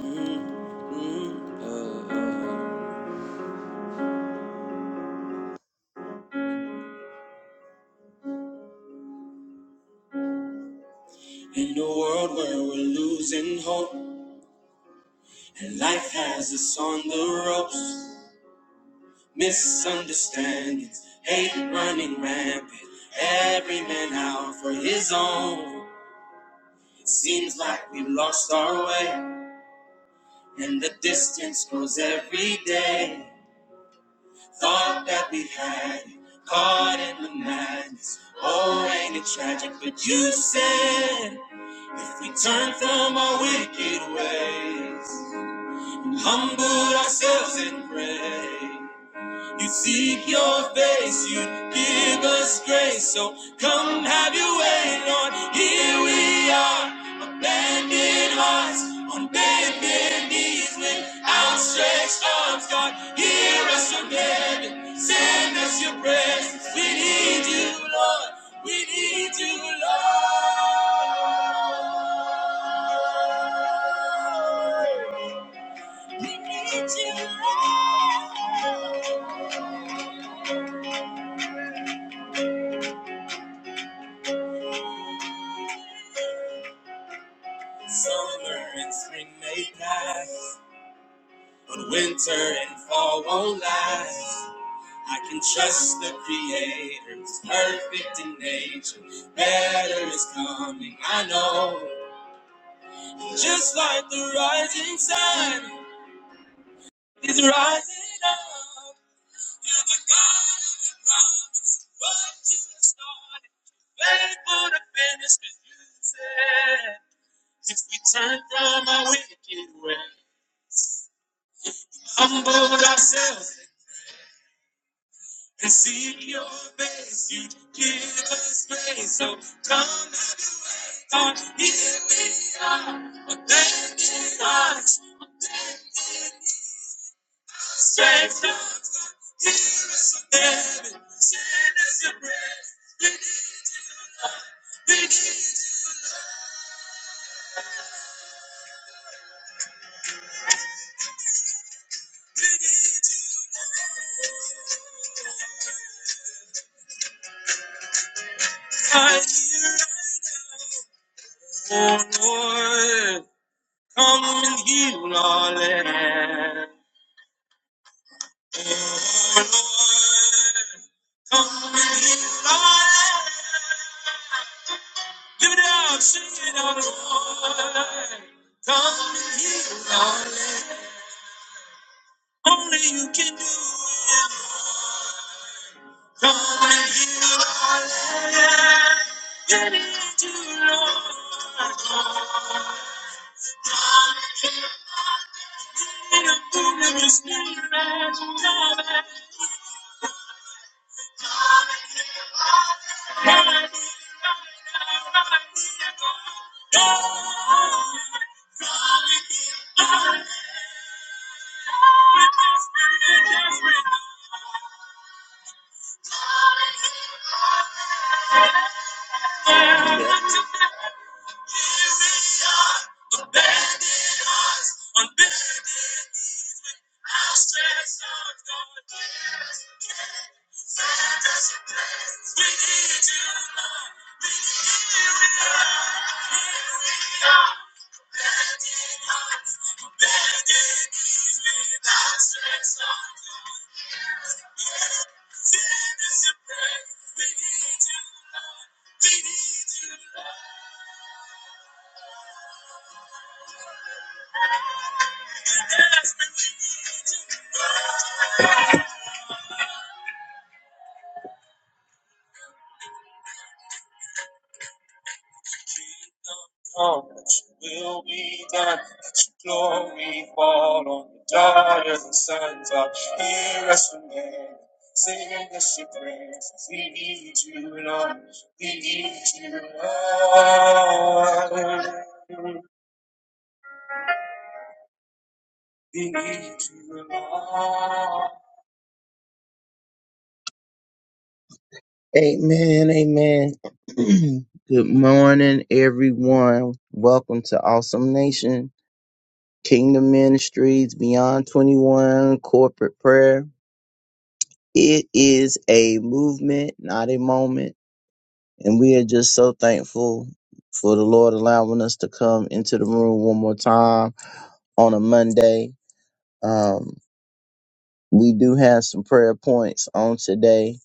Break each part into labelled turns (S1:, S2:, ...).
S1: Mm-hmm. In a world where we're losing hope and life has us on the ropes, misunderstandings, hate running rampant, every man out for his own. It seems like we've lost our way and the distance grows every day. Thought that we had it, caught in the madness. Oh, ain't it tragic? But you said if we turn from our wicked ways, humbled ourselves in prayer. You seek your face, you give us grace. So come have your way, Lord. Here we are, abandoned hearts, on bended knees with outstretched arms. God, hear us from heaven. Send us your presence. We need you, Lord. We need you, Lord. We need you, Lord. Summer and spring may pass, but winter and fall won't last. I can trust the Creator's perfect in nature. Better is coming, I know. Just like the rising sun is rising up. You're the God of the promise. What you have started, faithful to finish, 'cause you said, if we turn from our wicked way, humbled ourselves. and see your face. You give us grace. So come on, here we are. Abandon us, strength of in heaven. Send us your breath. We are here right now. Oh Lord, come and heal our land. Oh Lord, come and heal our land. Give it up, sing it out, Lord. Come and heal, our land. Only you can do it. Come and heal, darling. Get into Lord. In a boom of your spirit, man. Right now, right now, right now. we're desperate, we're desperate. Here we are, abandoned hearts, abandoned knees, with outstretched arms, going, "Where is your king? Send us your praise. We need you, abandoned hearts, abandoned knees, with outstretched arms, going, "Where is your king? Send us your you, We need you. come, that your will be done, that your glory fall on the daughters and sons of hear us from heaven. Sing us your praises, we need you, Lord, we need you, Lord, we need you, Lord. Amen, amen. Good morning, everyone. Welcome to Awesome Nation, Kingdom Ministries, Beyond 21, Corporate Prayer. It is a movement, not a moment. And we are just so thankful for the Lord allowing us to come into the room one more time on a Monday. Um, we do have some prayer points on today.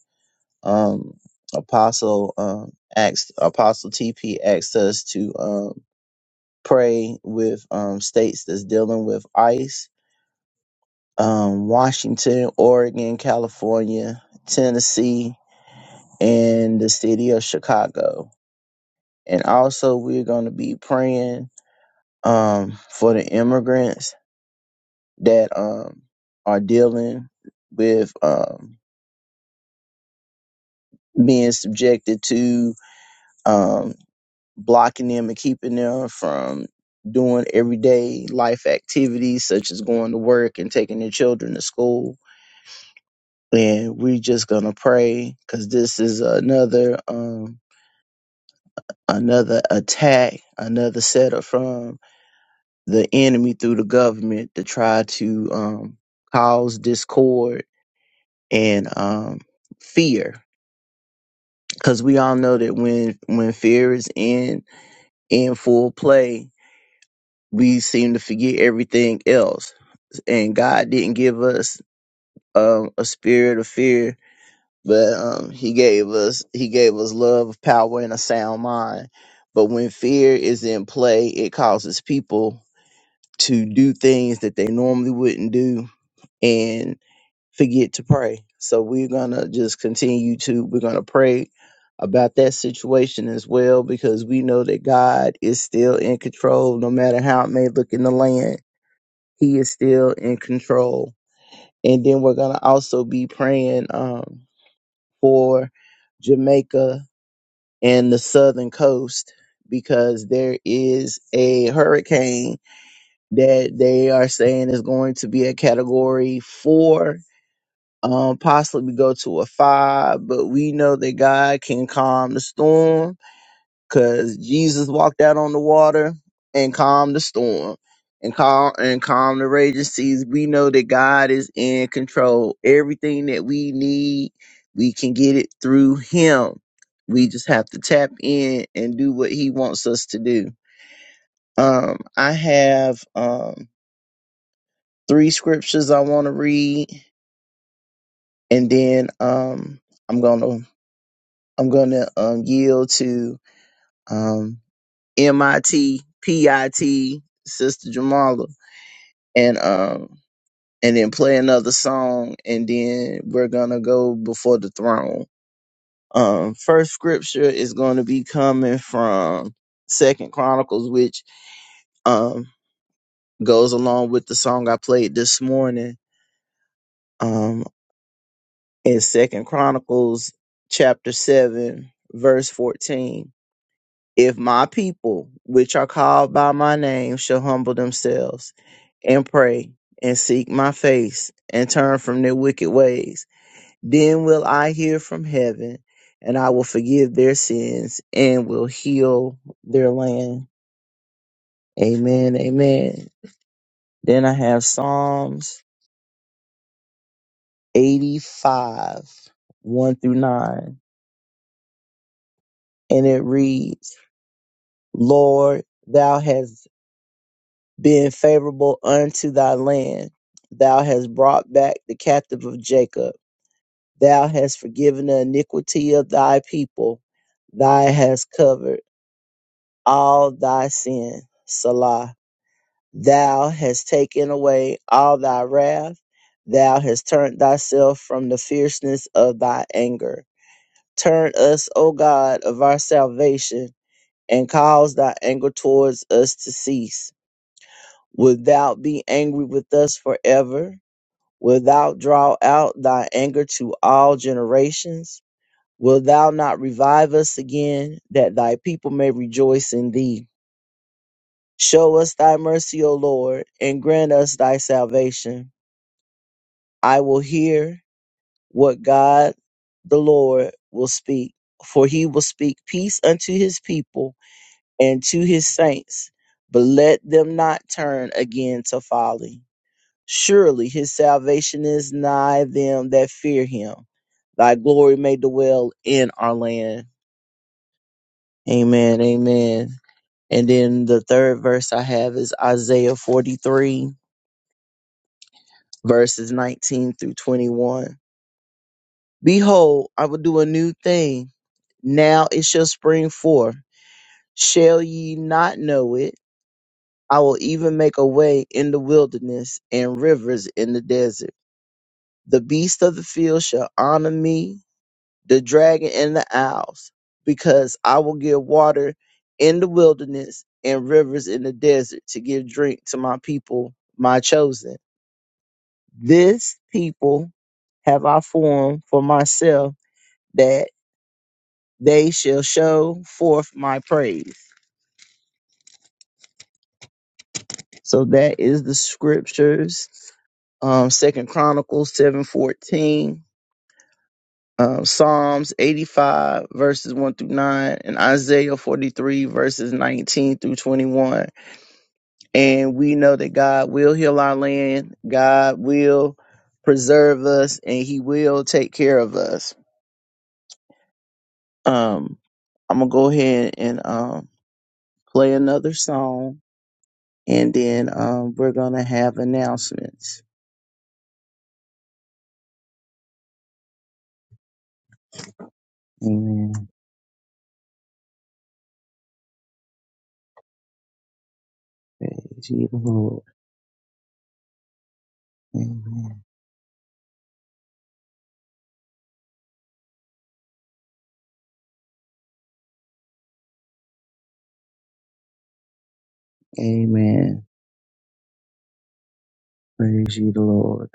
S1: Um, Apostle um, asked, Apostle TP asked us to um, pray with um, states that's dealing with ICE, um, Washington, Oregon, California, Tennessee, and the city of Chicago and also we're going to be praying um, for the immigrants that um, are dealing with um, being subjected to um, blocking them and keeping them from doing everyday life activities such as going to work and taking their children to school and we're just going to pray because this is another um, another attack another setup from. the enemy through the government to try to um, cause discord and um, fear. Because we all know that when when fear is in in full play, we seem to forget everything else. And God didn't give us um, a spirit of fear, but um, He gave us He gave us love, power, and a sound mind. But when fear is in play, it causes people to do things that they normally wouldn't do and forget to pray. So we're gonna just continue to we're gonna pray about that situation as well because we know that God is still in control, no matter how it may look in the land. He is still in control. And then we're gonna also be praying um, for Jamaica and the southern coast because there is a hurricane that they are saying is going to be a category four um, possibly go to a five, but we know that God can calm the storm because Jesus walked out on the water and calmed the storm and calm and calm the raging seas. We know that God is in control. Everything that we need, we can get it through Him. We just have to tap in and do what He wants us to do. Um, I have um, three scriptures I want to read, and then um, I'm gonna I'm going to um, yield to um, MIT, Sister Jamala, and um, and then play another song, and then we're gonna go before the throne. Um, first scripture is going to be coming from Second Chronicles, which um, goes along with the song I played this morning. Um, in Second Chronicles chapter seven, verse fourteen If my people, which are called by my name, shall humble themselves and pray and seek my face and turn from their wicked ways, then will I hear from heaven and I will forgive their sins and will heal their land. Amen. Amen. Then I have Psalms 85, 1 through 9, and it reads, Lord, thou hast being favorable unto thy land. Thou hast brought back the captive of Jacob. Thou hast forgiven the iniquity of thy people. Thou hast covered all thy sin. Salah. Thou hast taken away all thy wrath. Thou hast turned thyself from the fierceness of thy anger. Turn us, O God, of our salvation, and cause thy anger towards us to cease. Wilt thou be angry with us forever? Wilt thou draw out thy anger to all generations? Wilt thou not revive us again, that thy people may rejoice in thee? Show us thy mercy, O Lord, and grant us thy salvation. I will hear what God the Lord will speak, for he will speak peace unto his people and to his saints, but let them not turn again to folly. Surely his salvation is nigh them that fear him. Thy glory may dwell in our land. Amen. Amen. And then the third verse I have is Isaiah 43, verses 19 through 21. Behold, I will do a new thing. Now it shall spring forth. Shall ye not know it? I will even make a way in the wilderness and rivers in the desert. The beasts of the field shall honor me, the dragon and the owls, because I will give water in the wilderness and rivers in the desert to give drink to my people, my chosen. This people have I formed for myself that they shall show forth my praise. So that is the scriptures. Um, Second Chronicles seven fourteen, um, Psalms eighty five verses one through nine, and Isaiah forty three verses nineteen through twenty one. and we know that God will heal our land, God will preserve us, and He will take care of us. Um, I'm gonna go ahead and um, play another song, and then um, we're gonna have announcements. Amen. Praise ye the Lord. Amen. Amen. Praise ye the Lord.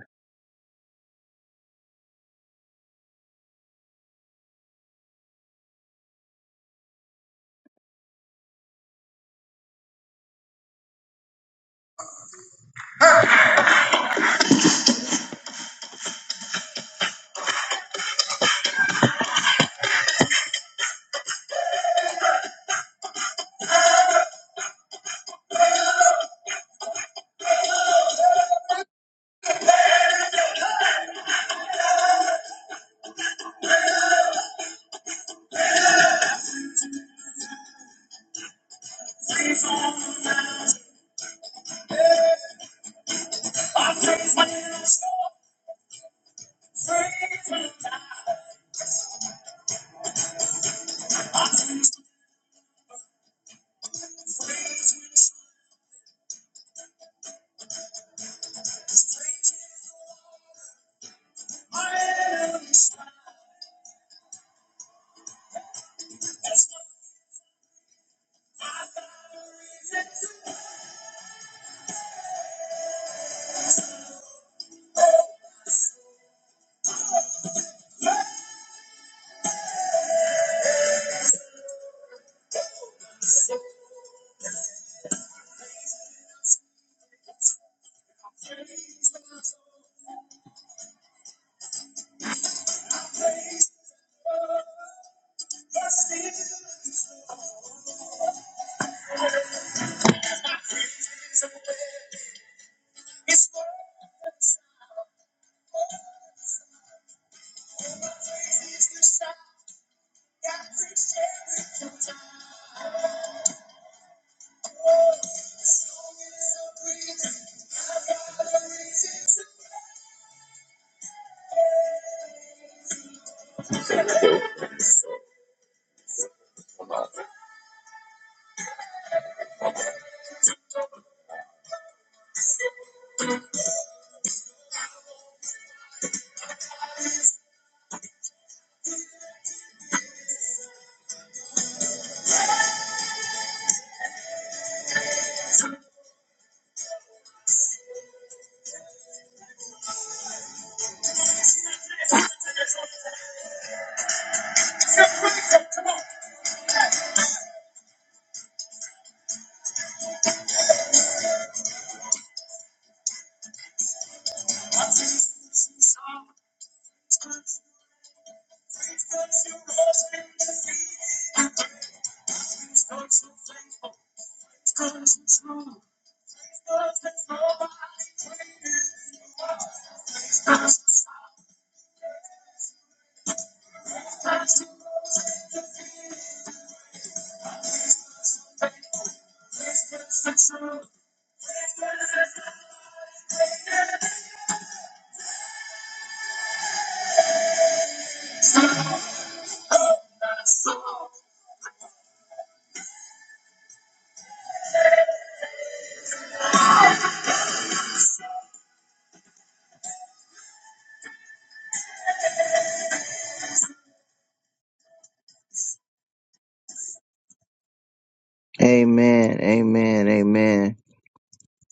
S1: Amen. Amen. Amen.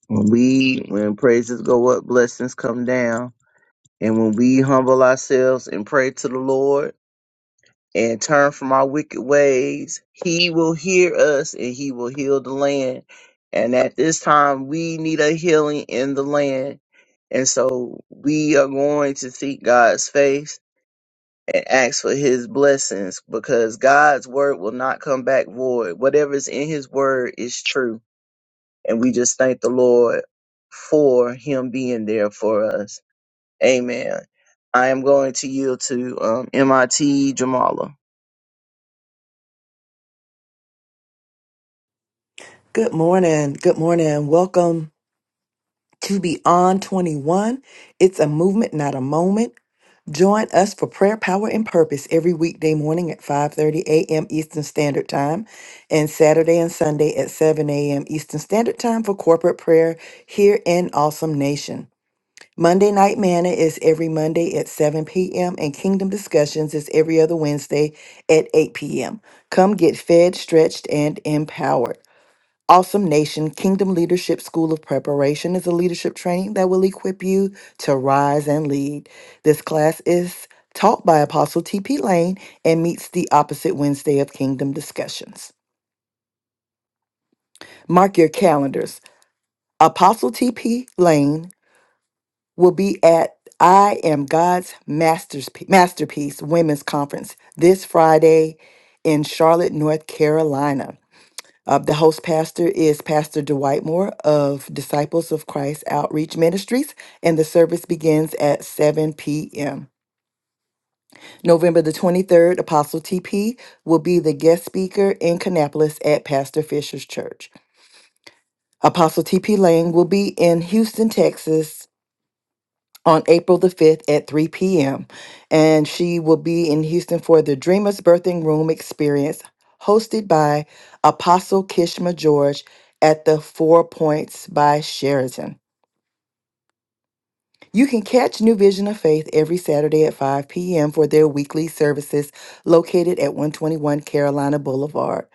S1: When we when praises go up, blessings come down. And when we humble ourselves and pray to the Lord, and turn from our wicked ways, he will hear us and he will heal the land. And at this time, we need a healing in the land. And so we are going to seek God's face and ask for his blessings because God's word will not come back void. Whatever's in his word is true. And we just thank the Lord for him being there for us. Amen. I am going to yield to um, MIT Jamala.
S2: Good morning. Good morning. Welcome to Beyond 21. It's a movement, not a moment. Join us for prayer, power, and purpose every weekday morning at 5:30 a.m. Eastern Standard Time and Saturday and Sunday at 7 a.m. Eastern Standard Time for corporate prayer here in Awesome Nation. Monday Night Manna is every Monday at 7 p.m. and Kingdom Discussions is every other Wednesday at 8 p.m. Come get fed, stretched, and empowered. Awesome Nation Kingdom Leadership School of Preparation is a leadership training that will equip you to rise and lead. This class is taught by Apostle T.P. Lane and meets the opposite Wednesday of Kingdom Discussions. Mark your calendars. Apostle T.P. Lane will be at I Am God's Master's- Masterpiece Women's Conference this Friday in Charlotte, North Carolina. Uh, the host pastor is Pastor Dwight Moore of Disciples of Christ Outreach Ministries, and the service begins at 7 p.m. November the 23rd, Apostle TP will be the guest speaker in Kannapolis at Pastor Fisher's Church. Apostle TP Lane will be in Houston, Texas on April the 5th at 3 p.m. And she will be in Houston for the Dreamers Birthing Room Experience, hosted by Apostle Kishma George at the Four Points by Sheraton. You can catch New Vision of Faith every Saturday at 5 p.m. for their weekly services located at 121 Carolina Boulevard.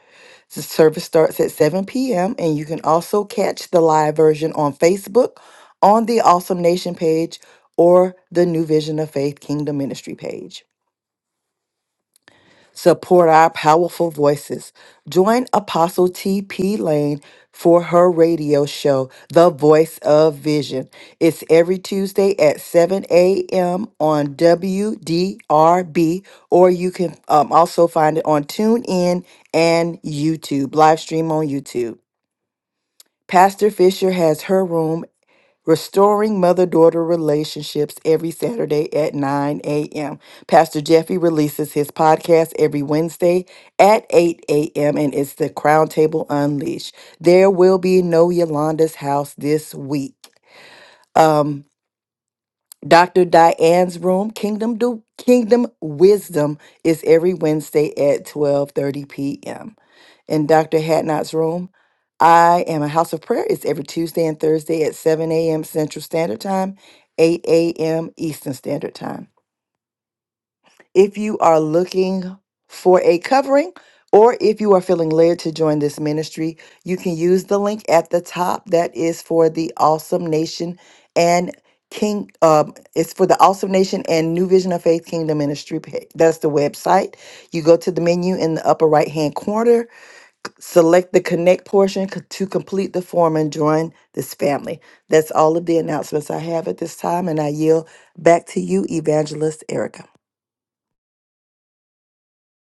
S2: The service starts at 7 p.m. and you can also catch the live version on Facebook on the Awesome Nation page or the New Vision of Faith Kingdom Ministry page. Support our powerful voices. Join Apostle T.P. Lane for her radio show, The Voice of Vision. It's every Tuesday at 7 a.m. on WDRB, or you can um, also find it on TuneIn and YouTube, live stream on YouTube. Pastor Fisher has her room Restoring Mother Daughter Relationships every Saturday at 9 a.m. Pastor Jeffy releases his podcast every Wednesday at 8 a.m. and it's the Crown Table Unleashed. There will be no Yolanda's house this week. Um, Dr. Diane's room, Kingdom Do Kingdom Wisdom, is every Wednesday at 12:30 p.m in Dr. Hadnot's room. I am a house of prayer. It's every Tuesday and Thursday at 7 a.m. Central Standard Time, 8 a.m. Eastern Standard Time. If you are looking for a covering, or if you are feeling led to join this ministry, you can use the link at the top that is for the Awesome Nation and King. Um, it's for the Awesome Nation and New Vision of Faith Kingdom Ministry. pa- That's the website. You go to the menu in the upper right hand corner Select the connect portion co- to complete the form and join this family. That's all of the announcements I have at this time, and I yield back to you, Evangelist Erica.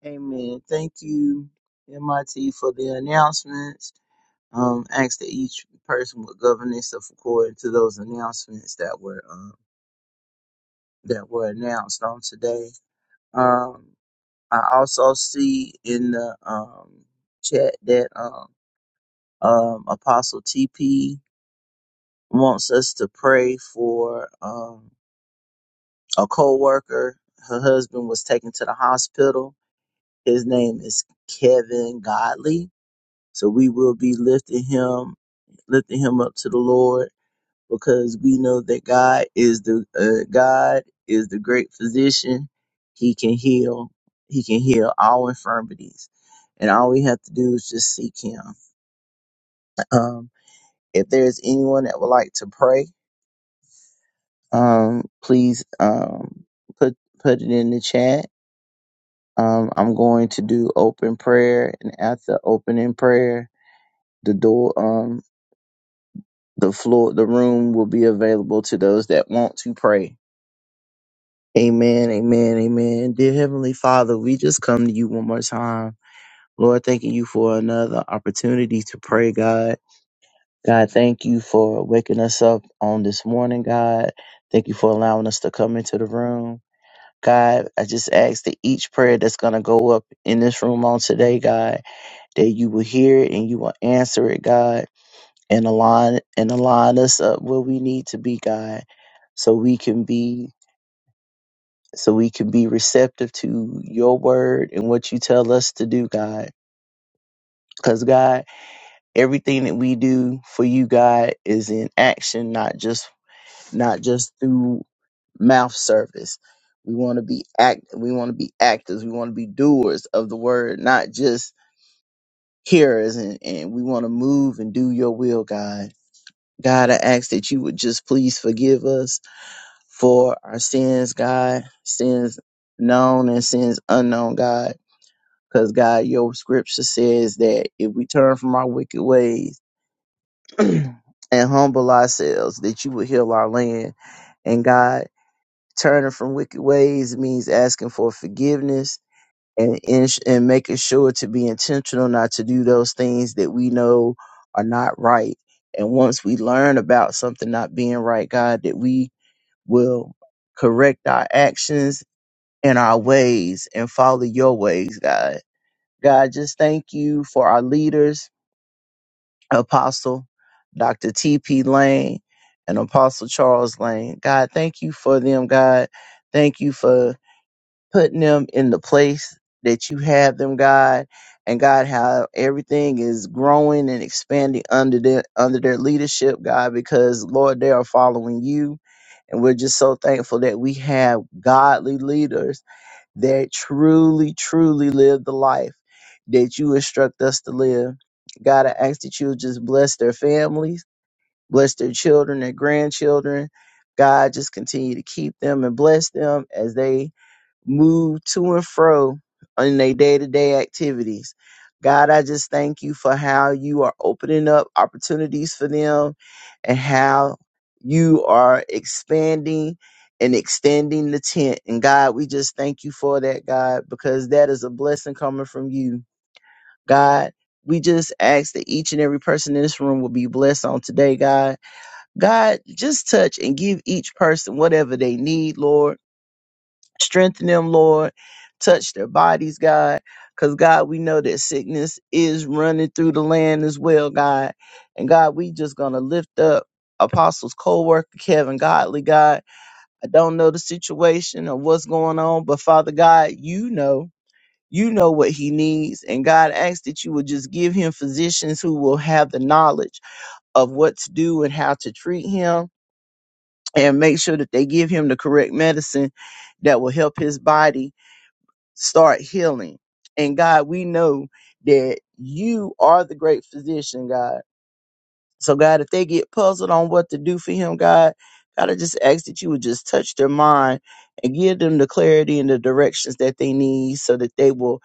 S1: Amen. Thank you, MIT, for the announcements. Um, ask that each person would govern itself according to those announcements that were um, that were announced on today. Um, I also see in the um, chat that um, um, Apostle TP wants us to pray for um, a co-worker. Her husband was taken to the hospital. His name is Kevin Godley So we will be lifting him, lifting him up to the Lord because we know that God is the uh, God is the great physician. He can heal. He can heal all infirmities, and all we have to do is just seek Him. Um, if there is anyone that would like to pray, um, please um, put put it in the chat. Um, I'm going to do open prayer, and after opening prayer, the door. Um, The floor, the room will be available to those that want to pray. Amen, amen, amen. Dear Heavenly Father, we just come to you one more time. Lord, thanking you for another opportunity to pray, God. God, thank you for waking us up on this morning, God. Thank you for allowing us to come into the room. God, I just ask that each prayer that's going to go up in this room on today, God, that you will hear it and you will answer it, God and align and align us up where we need to be, God, so we can be so we can be receptive to your word and what you tell us to do, God. Because God, everything that we do for you, God, is in action, not just not just through mouth service. We want to be act we want to be actors, we want to be doers of the word, not just hearers and, and we want to move and do your will, God. God, I ask that you would just please forgive us for our sins, God, sins known and sins unknown, God. Because, God, your scripture says that if we turn from our wicked ways and humble ourselves, that you will heal our land. And, God, turning from wicked ways means asking for forgiveness and, in- and making sure to be intentional not to do those things that we know are not right. And once we learn about something not being right, God, that we will correct our actions in our ways and follow your ways, God. God, just thank you for our leaders, Apostle Dr. T.P. Lane and Apostle Charles Lane. God, thank you for them, God. Thank you for putting them in the place that you have them, God. And God, how everything is growing and expanding under their under their leadership, God, because Lord, they are following you. And we're just so thankful that we have godly leaders that truly, truly live the life that you instruct us to live. God, I ask that you just bless their families, bless their children, their grandchildren. God, just continue to keep them and bless them as they move to and fro in their day to day activities. God, I just thank you for how you are opening up opportunities for them and how you are expanding and extending the tent. And God, we just thank you for that, God, because that is a blessing coming from you. God, we just ask that each and every person in this room will be blessed on today, God. God, just touch and give each person whatever they need, Lord. Strengthen them, Lord. Touch their bodies, God. Because, God, we know that sickness is running through the land as well, God. And, God, we just going to lift up Apostles, co worker Kevin Godly, God. I don't know the situation or what's going on, but, Father God, you know. You know what he needs. And God asks that you would just give him physicians who will have the knowledge of what to do and how to treat him and make sure that they give him the correct medicine that will help his body start healing. And God, we know that you are the great physician, God. So, God, if they get puzzled on what to do for him, God, God, I just ask that you would just touch their mind and give them the clarity and the directions that they need so that they will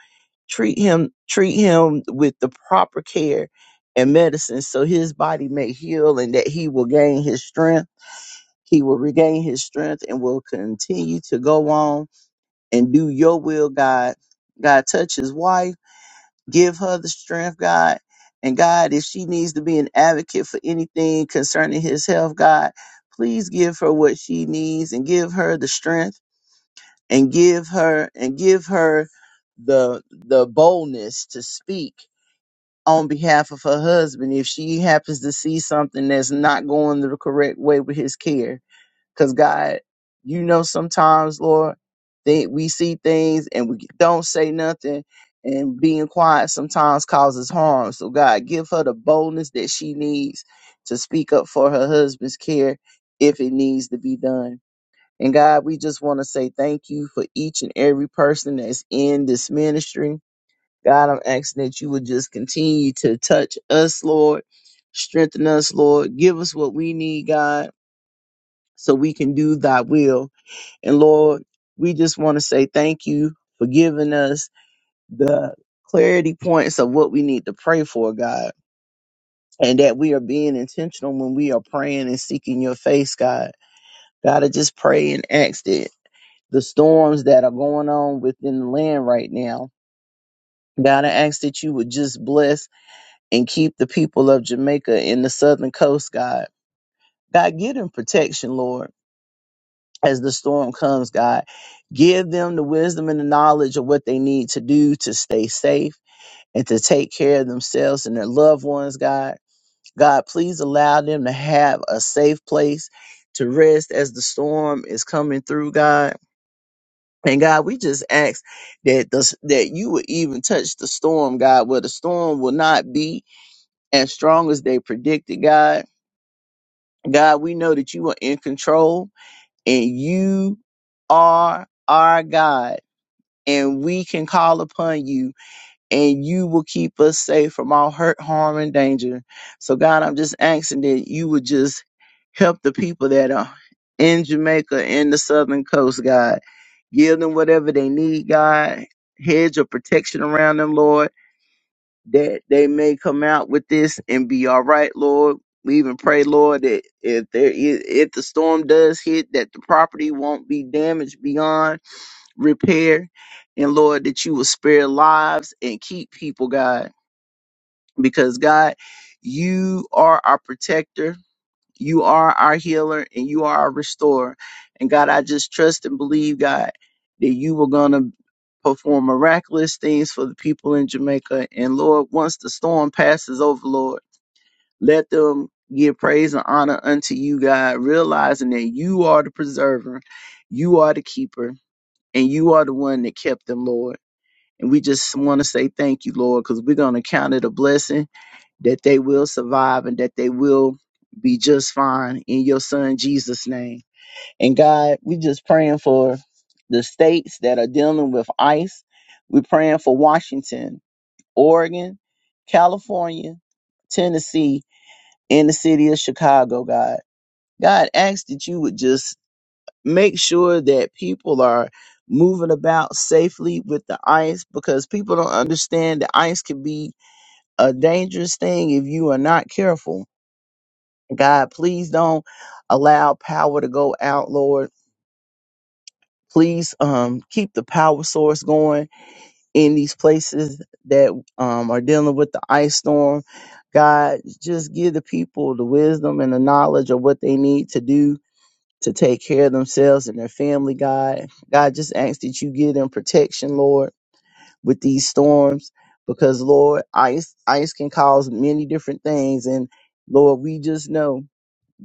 S1: treat him, treat him with the proper care and medicine so his body may heal and that he will gain his strength. He will regain his strength and will continue to go on and do your will, God. God, touch his wife, give her the strength, God. And God, if she needs to be an advocate for anything concerning his health, God, please give her what she needs and give her the strength and give her and give her the the boldness to speak on behalf of her husband if she happens to see something that's not going the correct way with his care Cause God, you know, sometimes, Lord, they, we see things and we don't say nothing, and being quiet sometimes causes harm. So God, give her the boldness that she needs to speak up for her husband's care if it needs to be done. And God, we just want to say thank you for each and every person that's in this ministry. God, I'm asking that you would just continue to touch us, Lord. Strengthen us, Lord. Give us what we need, God, so we can do thy will and Lord, we just want to say thank you for giving us the clarity points of what we need to pray for, God, and that we are being intentional when we are praying and seeking your face, God. God, I just pray and ask that the storms that are going on within the land right now, God, I ask that you would just bless and keep the people of Jamaica in the southern coast, God. God, give them protection, Lord. as the storm comes, God. Give them the wisdom and the knowledge of what they need to do to stay safe and to take care of themselves and their loved ones, God. God, please allow them to have a safe place to rest as the storm is coming through, God. And God, we just ask that the, that you would even touch the storm, God, where the storm will not be as strong as they predicted, God. God, we know that you are in control and you are our God and we can call upon you and you will keep us safe from all hurt, harm, and danger. So, God, I'm just asking that you would just help the people that are in Jamaica, in the southern coast, God. Give them whatever they need, God. Hedge of protection around them, Lord, that they may come out with this and be all right, Lord. We even pray, Lord, that if there is, if the storm does hit, that the property won't be damaged beyond repair. And Lord, that you will spare lives and keep people, God, because God, you are our protector, you are our healer, and you are our restorer. And God, I just trust and believe, God, that you were going to perform miraculous things for the people in Jamaica. And Lord, once the storm passes over, Lord, let them give praise and honor unto you, God, realizing that you are the preserver, you are the keeper, and you are the one that kept them, Lord. And we just want to say thank you, Lord, because we're going to count it a blessing that they will survive and that they will be just fine in your son Jesus' name. And God, we just praying for the states that are dealing with ICE. We're praying for Washington, Oregon, California, Tennessee, and the city of Chicago, God. God, ask that you would just make sure that people are moving about safely with the ice because people don't understand that ice can be a dangerous thing if you are not careful. God, please don't allow power to go out, Lord. Please um, keep the power source going in these places that um, are dealing with the ice storm. God, just give the people the wisdom and the knowledge of what they need to do to take care of themselves and their family, God. God, just ask that you give them protection, Lord, with these storms, because Lord, ice ice can cause many different things, and Lord, we just know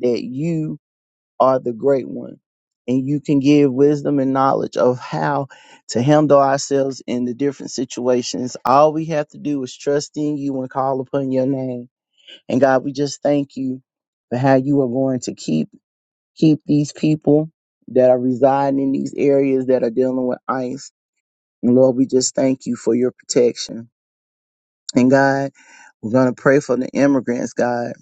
S1: that you are the great one, and you can give wisdom and knowledge of how to handle ourselves in the different situations. All we have to do is trust in you and call upon your name. And God, we just thank you for how you are going to keep keep these people that are residing in these areas that are dealing with ICE. And Lord, we just thank you for your protection. And God, we're going to pray for the immigrants, God.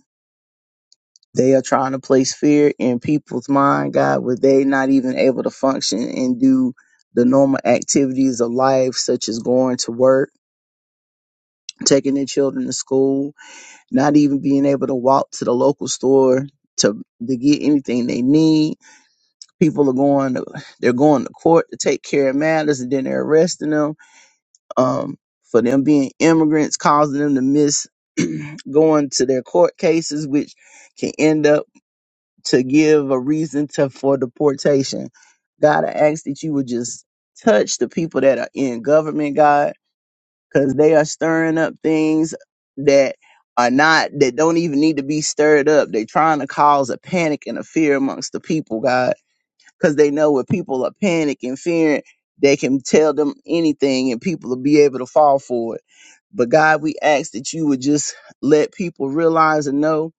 S1: They are trying to place fear in people's mind, God, where they not even able to function and do the normal activities of life, such as going to work, taking their children to school, not even being able to walk to the local store to, to get anything they need People are going, to, they're going to court to take care of matters, and then they're arresting them um, for them being immigrants, causing them to miss going to their court cases, which can end up to give a reason to for deportation. God, I ask that you would just touch the people that are in government, God, because they are stirring up things that are not that don't even need to be stirred up. They're trying to cause a panic and a fear amongst the people, God because they know when people are panic and fearing, they can tell them anything and people will be able to fall for it. But God, we ask that you would just let people realize and know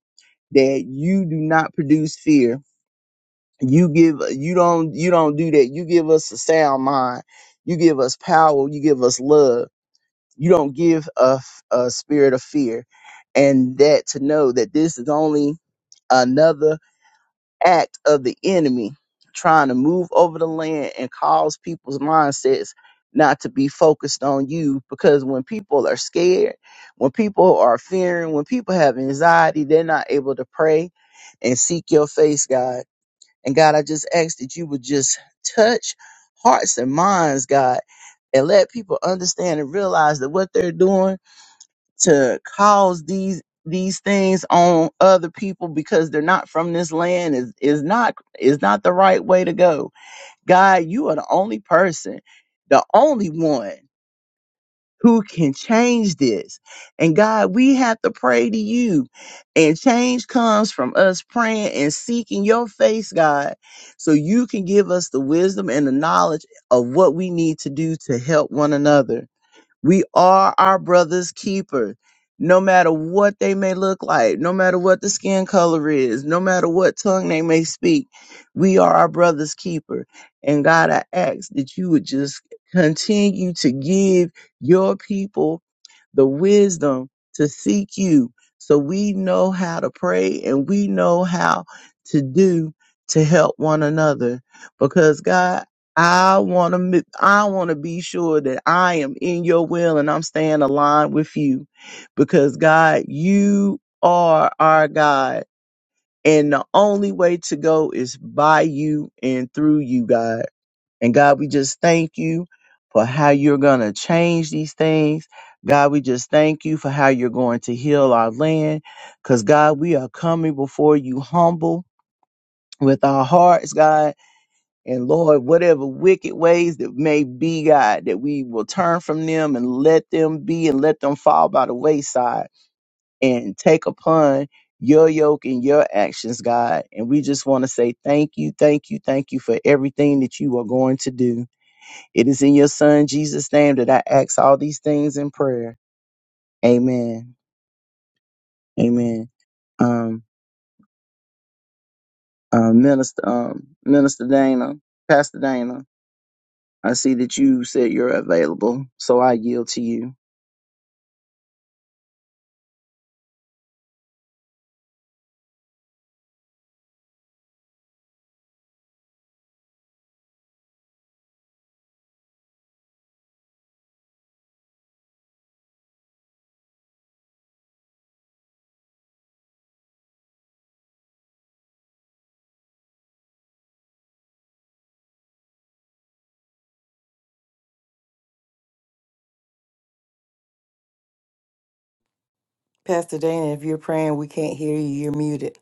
S1: that you do not produce fear. You give you don't you don't do that. You give us a sound mind. You give us power. You give us love. You don't give a, a spirit of fear. And that to know that this is only another act of the enemy trying to move over the land and cause people's mindsets not to be focused on you because when people are scared, when people are fearing, when people have anxiety, they're not able to pray and seek your face, God. And God, I just ask that you would just touch hearts and minds, God, and let people understand and realize that what they're doing to cause these these things on other people because they're not from this land is is not is not the right way to go. God, you are the only person, the only one who can change this. And God, we have to pray to you. And change comes from us praying and seeking your face, God, so you can give us the wisdom and the knowledge of what we need to do to help one another. We are our brother's keeper. No matter what they may look like, no matter what the skin color is, no matter what tongue they may speak, we are our brother's keeper. And God, I ask that you would just continue to give your people the wisdom to seek you so we know how to pray and we know how to do to help one another because God I want to I want to be sure that I am in your will and I'm staying aligned with you because God you are our God and the only way to go is by you and through you God and God, we just thank you for how you're going to change these things. God, we just thank you for how you're going to heal our land. Because, God, we are coming before you humble with our hearts, God. And Lord, whatever wicked ways that may be, God, that we will turn from them and let them be and let them fall by the wayside and take upon your yoke and your actions, God. And we just want to say thank you, thank you, thank you for everything that you are going to do. It is in your son Jesus' name that I ask all these things in prayer. Amen. Amen. Um, uh, Minister, um, Minister Dana, Pastor Dana, I see that you said you're available, so I yield to you.
S2: Pastor Dana, if you're praying, we can't hear you. You're muted.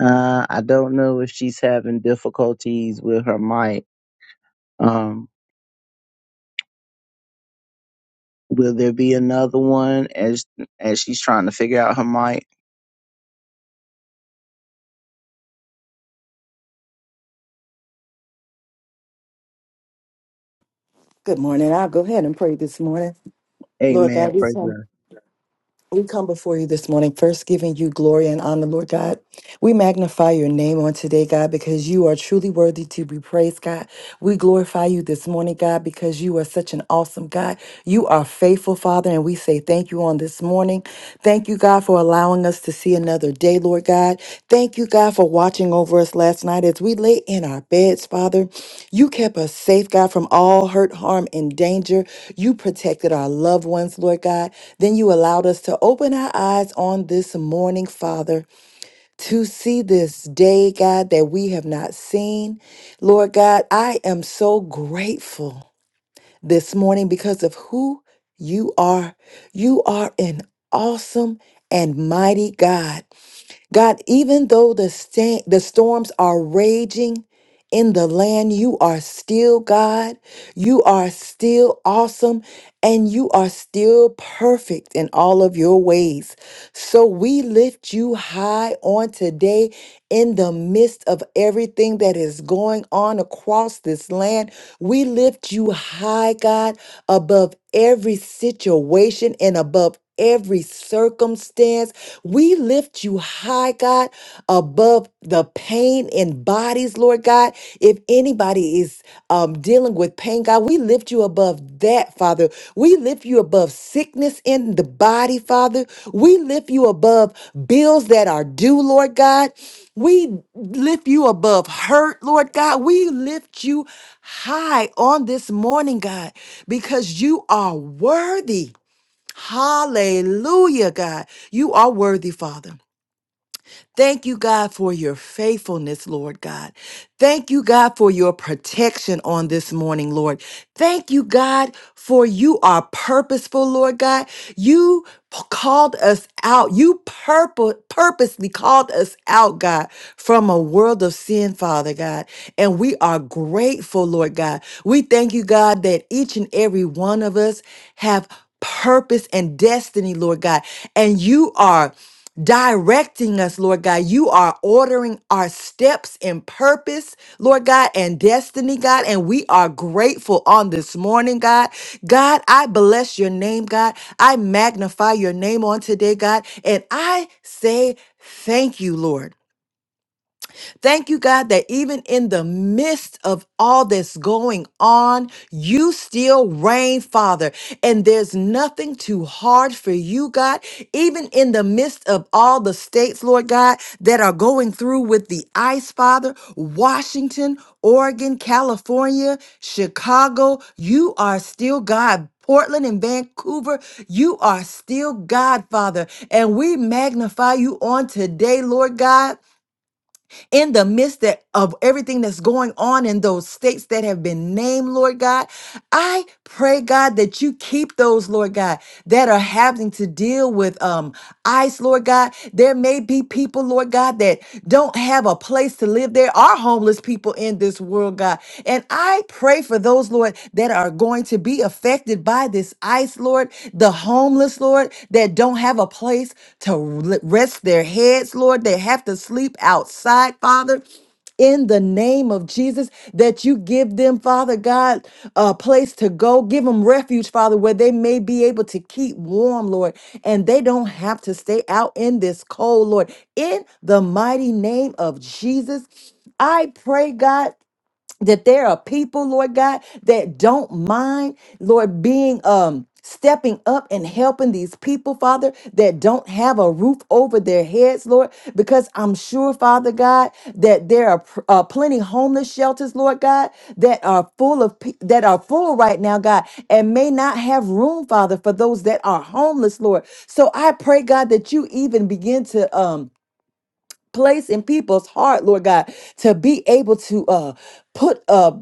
S1: Uh, I don't know if she's having difficulties with her mic. Um, will there be another one as as she's trying to figure out her mic?
S2: Good morning. I'll go ahead and pray this morning. Lord
S1: Amen.
S2: God, we
S1: Praise
S2: come
S1: God.
S2: We come before you this morning, first giving you glory and honor, Lord God. We magnify your name on today, God, because you are truly worthy to be praised, God. We glorify you this morning, God, because you are such an awesome God. You are faithful, Father, and we say thank you on this morning. Thank you, God, for allowing us to see another day, Lord God. Thank you, God, for watching over us last night as we lay in our beds, Father. You kept us safe, God, from all hurt, harm, and danger. You protected our loved ones, Lord God. Then you allowed us to open our eyes on this morning, Father, to see this day, God, that we have not seen. Lord God, I am so grateful this morning because of who you are. You are an awesome and mighty God. God, even though the sta- the storms are raging in the land, you are still God. You are still awesome and you are still perfect in all of your ways. So we lift you high on today in the midst of everything that is going on across this land. We lift you high, God above every situation and above every circumstance. We lift you high, God, above the pain in bodies, Lord God. If anybody is um, dealing with pain, God, we lift you above that, Father. We lift you above sickness in the body, Father. We lift you above bills that are due, Lord God. We lift you above hurt, Lord God. We lift you high on this morning, God because you are worthy. Hallelujah, God. You are worthy, Father. Thank you, God, for your faithfulness, Lord God. Thank you, God, for your protection on this morning, Lord. Thank you, God, for you are purposeful, Lord God. You p- called us out. You purpo- purposely called us out, God, from a world of sin, Father God. And we are grateful, Lord God. We thank you, God, that each and every one of us have purpose and destiny, Lord God. And you are directing us, Lord God. You are ordering our steps in purpose, Lord God, and destiny, God. And we are grateful on this morning, God. God, I bless your name, God. I magnify your name on today, God. And I say thank you, Lord. Thank you, God, that even in the midst of all that's going on, you still reign, Father. And there's nothing too hard for you, God, even in the midst of all the states, Lord God, that are going through with the ice, Father, Washington, Oregon, California, Chicago, you are still God. Portland and Vancouver, you are still God, Father. And we magnify you on today, Lord God in the midst that, of everything that's going on in those states that have been named, Lord God. I pray, God, that you keep those, Lord God, that are having to deal with. Um, eyes, Lord God. There may be people, Lord God, that don't have a place to live. There are homeless people in this world, God. And I pray for those, Lord, that are going to be affected by this ice, Lord, the homeless, Lord, that don't have a place to l- rest their heads, Lord, they have to sleep outside, Father in the name of Jesus that you give them, Father God, a place to go. Give them refuge, Father, where they may be able to keep warm, Lord, and they don't have to stay out in this cold, Lord. In the mighty name of Jesus, I pray, God that there are people, Lord God, that don't mind, Lord, being um stepping up and helping these people, Father, that don't have a roof over their heads, Lord, because I'm sure, Father God, that there are pr- uh, plenty homeless shelters, Lord God, that are full of pe- that are full right now, God, and may not have room, Father, for those that are homeless, Lord. So I pray, God, that you even begin to um place in people's heart, Lord God, to be able to uh put up.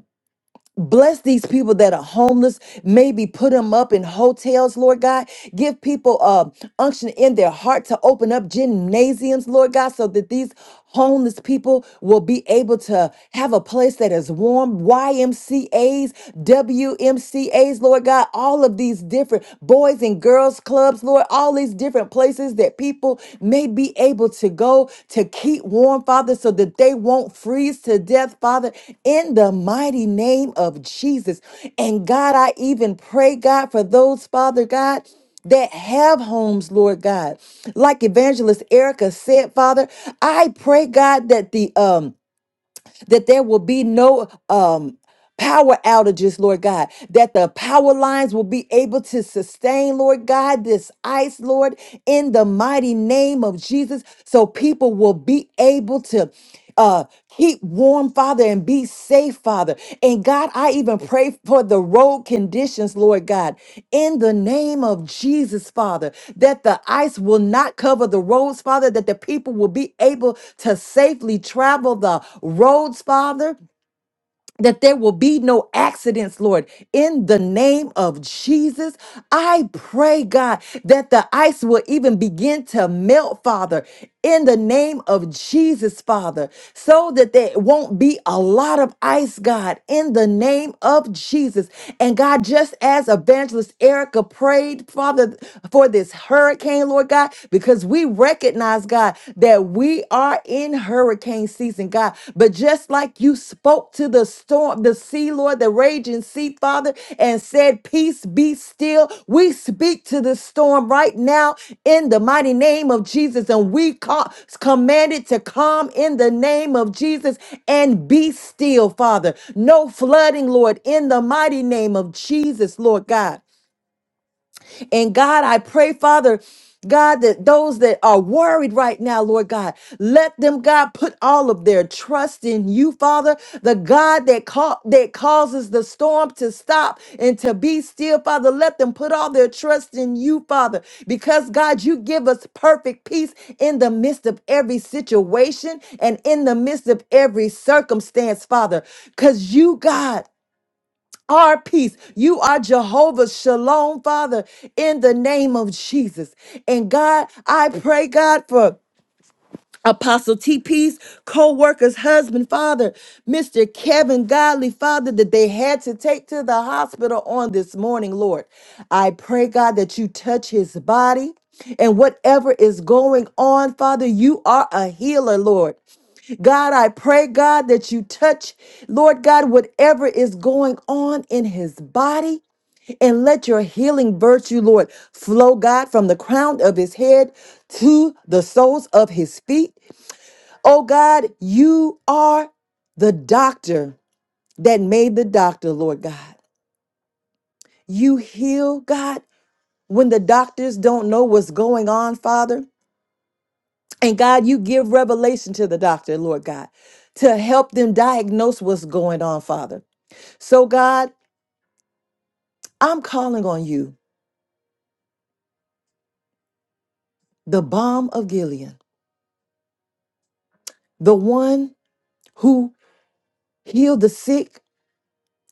S2: Bless these people that are homeless. Maybe put them up in hotels, Lord God. Give people uh, unction in their heart to open up gymnasiums, Lord God, so that these homeless people will be able to have a place that is warm. YMCAs, WMCAs, Lord God, all of these different boys and girls clubs, Lord, all all these different places that people may be able to go to keep warm, Father, so that they won't freeze to death, Father, in the mighty name of Jesus. And God, I even pray, God, for those, Father God, that have homes, Lord God. Like Evangelist Erica said, Father, I pray, God, that the um that there will be no um power outages, Lord God, that the power lines will be able to sustain, Lord God, this ice, Lord, in the mighty name of Jesus, so people will be able to. Uh, keep warm, Father, and be safe, Father. And God, I even pray for the road conditions, Lord God, in the name of Jesus, Father, that the ice will not cover the roads, Father, that the people will be able to safely travel the roads, Father that there will be no accidents, Lord. In the name of Jesus, I pray, God, that the ice will even begin to melt, Father, in the name of Jesus, Father, so that there won't be a lot of ice, God, in the name of Jesus. And God, just as Evangelist Erica prayed, Father, for this hurricane, Lord God, because we recognize, God. God, that we are in hurricane season, God. But just like you spoke to the storm, the sea, Lord, the raging sea, Father, and said, Peace be still, we speak to the storm right now in the mighty name of Jesus. And we ca- command it to calm in the name of Jesus and be still, Father. No flooding, Lord, in the mighty name of Jesus, Lord God. And God, I pray, Father, God, that those that are worried right now, Lord God, let them, God, put all of their trust in you, Father, the God that ca- that causes the storm to stop and to be still, Father. Let them put all their trust in you, Father, because God, you give us perfect peace in the midst of every situation and in the midst of every circumstance, Father, because you, God our peace. You are Jehovah Shalom, Father, in the name of Jesus. And God, I pray, God, for. Apostle TP's co worker's husband, father, Mr. Kevin Godly, father, that they had to take to the hospital on this morning, Lord. I pray, God, that you touch his body and whatever is going on, Father, you are a healer, Lord. God, I pray, God, that you touch, Lord God, whatever is going on in his body. And let your healing virtue, Lord, flow, God, from the crown of his head to the soles of his feet. Oh God, you are the doctor that made the doctor, Lord God. You heal, God, when the doctors don't know what's going on, Father. And God, you give revelation to the doctor, Lord God, to help them diagnose what's going on, Father. So, God, I'm calling on you, the balm of Gilead, the one who healed the sick,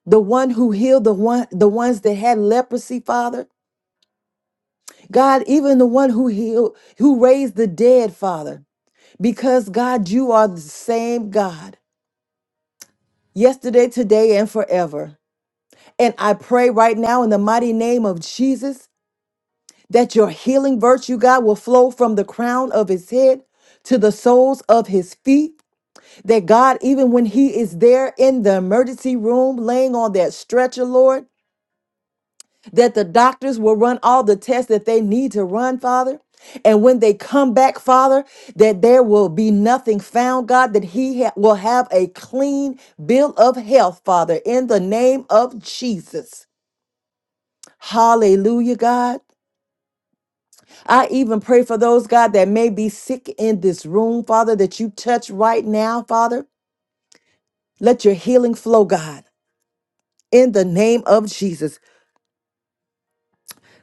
S2: the one who healed the one the ones that had leprosy, Father. God, even the one who healed, who raised the dead, Father, because God, you are the same God yesterday, today, and forever. And I pray right now in the mighty name of Jesus that your healing virtue, God, will flow from the crown of his head to the soles of his feet. That God, even when he is there in the emergency room, laying on that stretcher, Lord, that the doctors will run all the tests that they need to run, Father. And when they come back, Father, that there will be nothing found, God, that he ha- will have a clean bill of health, Father, in the name of Jesus. Hallelujah, God. I even pray for those, God, that may be sick in this room, Father, that you touch right now, Father. Let your healing flow, God, in the name of Jesus.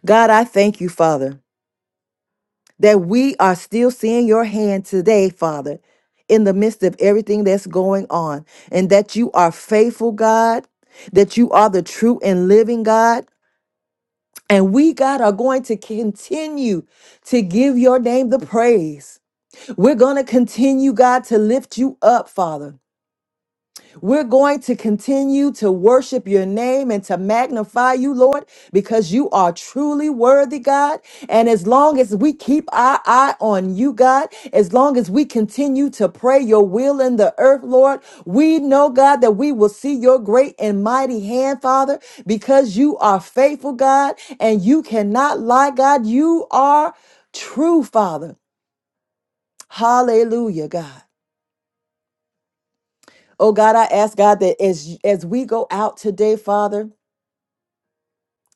S2: God, I thank you, Father. that we are still seeing your hand today, Father, in the midst of everything that's going on, and that you are faithful, God, that you are the true and living God. And we, God, are going to continue to give your name the praise. We're going to continue, God, to lift you up, Father. We're going to continue to worship your name and to magnify you, Lord, because you are truly worthy, God. And as long as we keep our eye on you, God, as long as we continue to pray your will in the earth, Lord, we know, God, that we will see your great and mighty hand, Father, because you are faithful, God, and you cannot lie, God. You are true, Father. Hallelujah, God. Oh God, I ask God that as as we go out today, Father,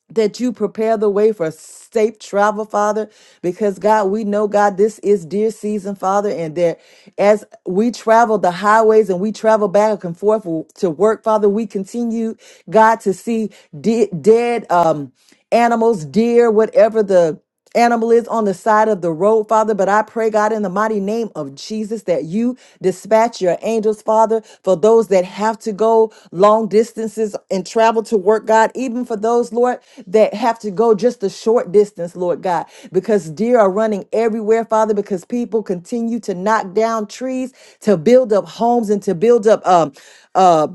S2: that you prepare the way for safe travel, Father, because God, we know, God, this is dear season, Father, and that as we travel the highways and we travel back and forth to work, Father, we continue, God, to see de- dead um, animals, deer, whatever the animal is on the side of the road, Father. But I pray, God, in the mighty name of Jesus, that you dispatch your angels, Father, for those that have to go long distances and travel to work, God, even for those, Lord, that have to go just a short distance, Lord God, because deer are running everywhere, Father, because people continue to knock down trees to build up homes and to build up um uh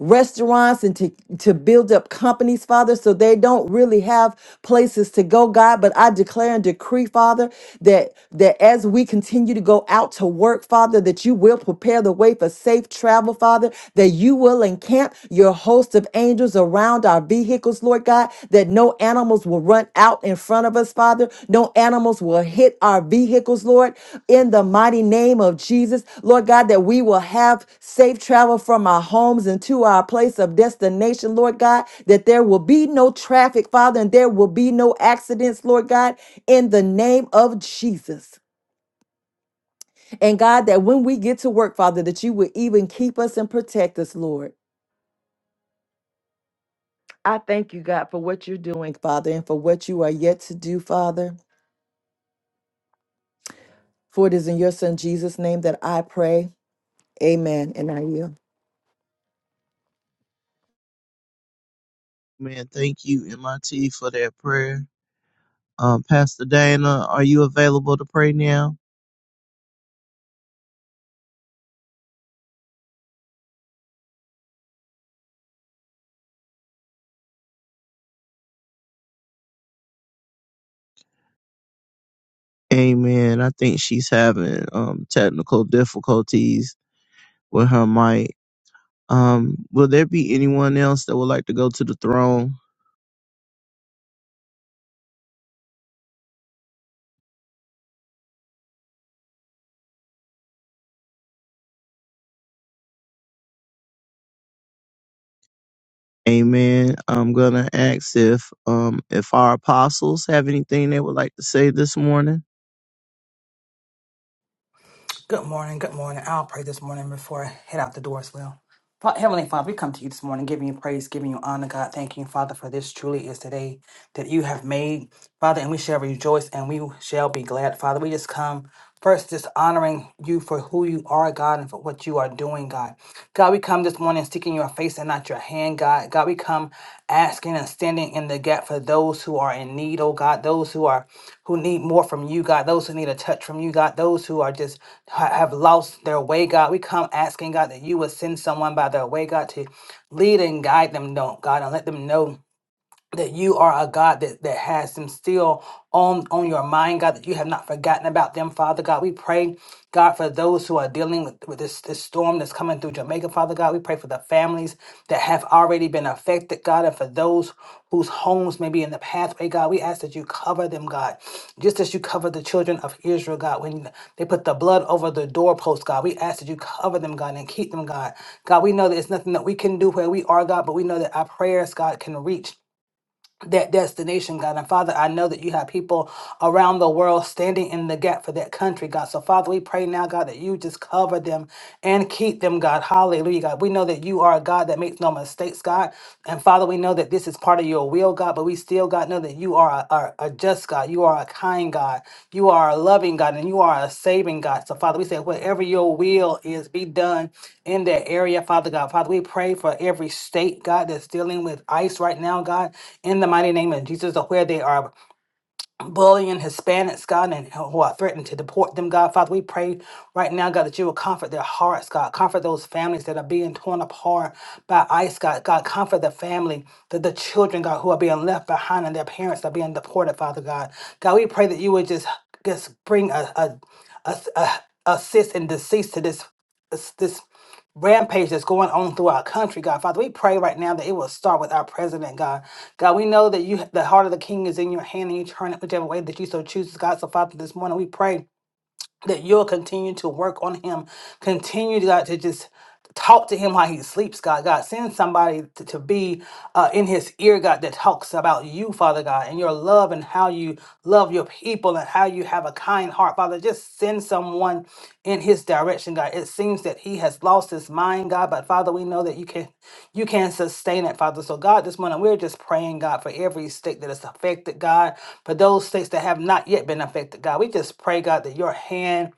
S2: restaurants and to, to build up companies, Father, so they don't really have places to go, God. But I declare and decree, Father, that that as we continue to go out to work, Father, that you will prepare the way for safe travel, Father, that you will encamp your host of angels around our vehicles, Lord God, that no animals will run out in front of us, Father. No animals will hit our vehicles, Lord in the mighty name of Jesus, Lord God, that we will have safe travel from our homes and to our place of destination, Lord God, that there will be no traffic, Father, and there will be no accidents, Lord God, in the name of Jesus. And God, that when we get to work, Father, that you will even keep us and protect us, Lord. I thank you, God, for what you're doing, Father, and for what you are yet to do, Father. For it is in your Son Jesus' name that I pray. Amen. And I yield.
S1: Man, thank you, MIT, for that prayer. Uh, Pastor Dana, are you available to pray now? Amen. I think she's having um, technical difficulties with her mic. Um, will there be anyone else that would like to go to the throne? Amen. I'm gonna ask if um if our apostles have anything they would like to say this morning.
S3: Good morning. Good morning. I'll pray this morning before I head out the door as well. Fa- Heavenly Father, we come to you this morning, giving you praise, giving you honor, God. Thanking you, Father, for this truly is the day that you have made. Father, and we shall rejoice and we shall be glad. Father, we just come first just honoring you for who you are, God, and for what you are doing, God. God, we come this morning seeking your face and not your hand, God. God, we come asking and standing in the gap for those who are in need, oh God, those who are who need more from you, God, those who need a touch from you, God, those who are just ha- have lost their way, God. We come asking, God, that you would send someone by their way, God, to lead and guide them, don't God, and let them know that you are a God that, that has them still on, on your mind, God, that you have not forgotten about them, Father God. We pray, God, for those who are dealing with, with this, this storm that's coming through Jamaica, Father God. We pray for the families that have already been affected, God, and for those whose homes may be in the pathway, God. We ask that you cover them, God, just as you cover the children of Israel, God, when they put the blood over the doorpost, God. We ask that you cover them, God, and keep them, God. God, we know that it's nothing that we can do where we are, God, but we know that our prayers, God, can reach that destination, God. And Father, I know that you have people around the world standing in the gap for that country, God. So, Father, we pray now, God, that you just cover them and keep them, God. Hallelujah, God. We know that you are a God that makes no mistakes, God. And Father, we know that this is part of your will, God, but we still, God, know know that you are a, are a just God, you are a kind God, you are a loving God, and you are a saving God. So, Father, we say, whatever your will is, be done in that area, Father God. Father, we pray for every state, God, that's dealing with ICE right now, God, in the mighty name of Jesus, of where they are bullying Hispanics, God, and who are threatened to deport them, God. Father, we pray right now, God, that you will comfort their hearts, God. Comfort those families that are being torn apart by ICE, God. God, comfort the family, the, the children, God, who are being left behind and their parents are being deported, Father God. God, we pray that you would just, just bring a, a, a, a assist and decease to this this, this rampage that's going on through our country, God. Father, we pray right now that it will start with our president, God. God, we know that you the heart of the king is in your hand and you turn it whichever way that you so choose, God. So Father, this morning we pray that you'll continue to work on him. Continue, God, to just talk to him while he sleeps, God. God, send somebody to, to be uh, in his ear, God, that talks about you, Father God, and your love and how you love your people and how you have a kind heart, Father. Just send someone in his direction, God. It seems that he has lost his mind, God, but Father, we know that you can you can sustain it, Father. So God, this morning we're just praying, God, for every state that is affected, God, for those states that have not yet been affected, God. We just pray, God, that your hand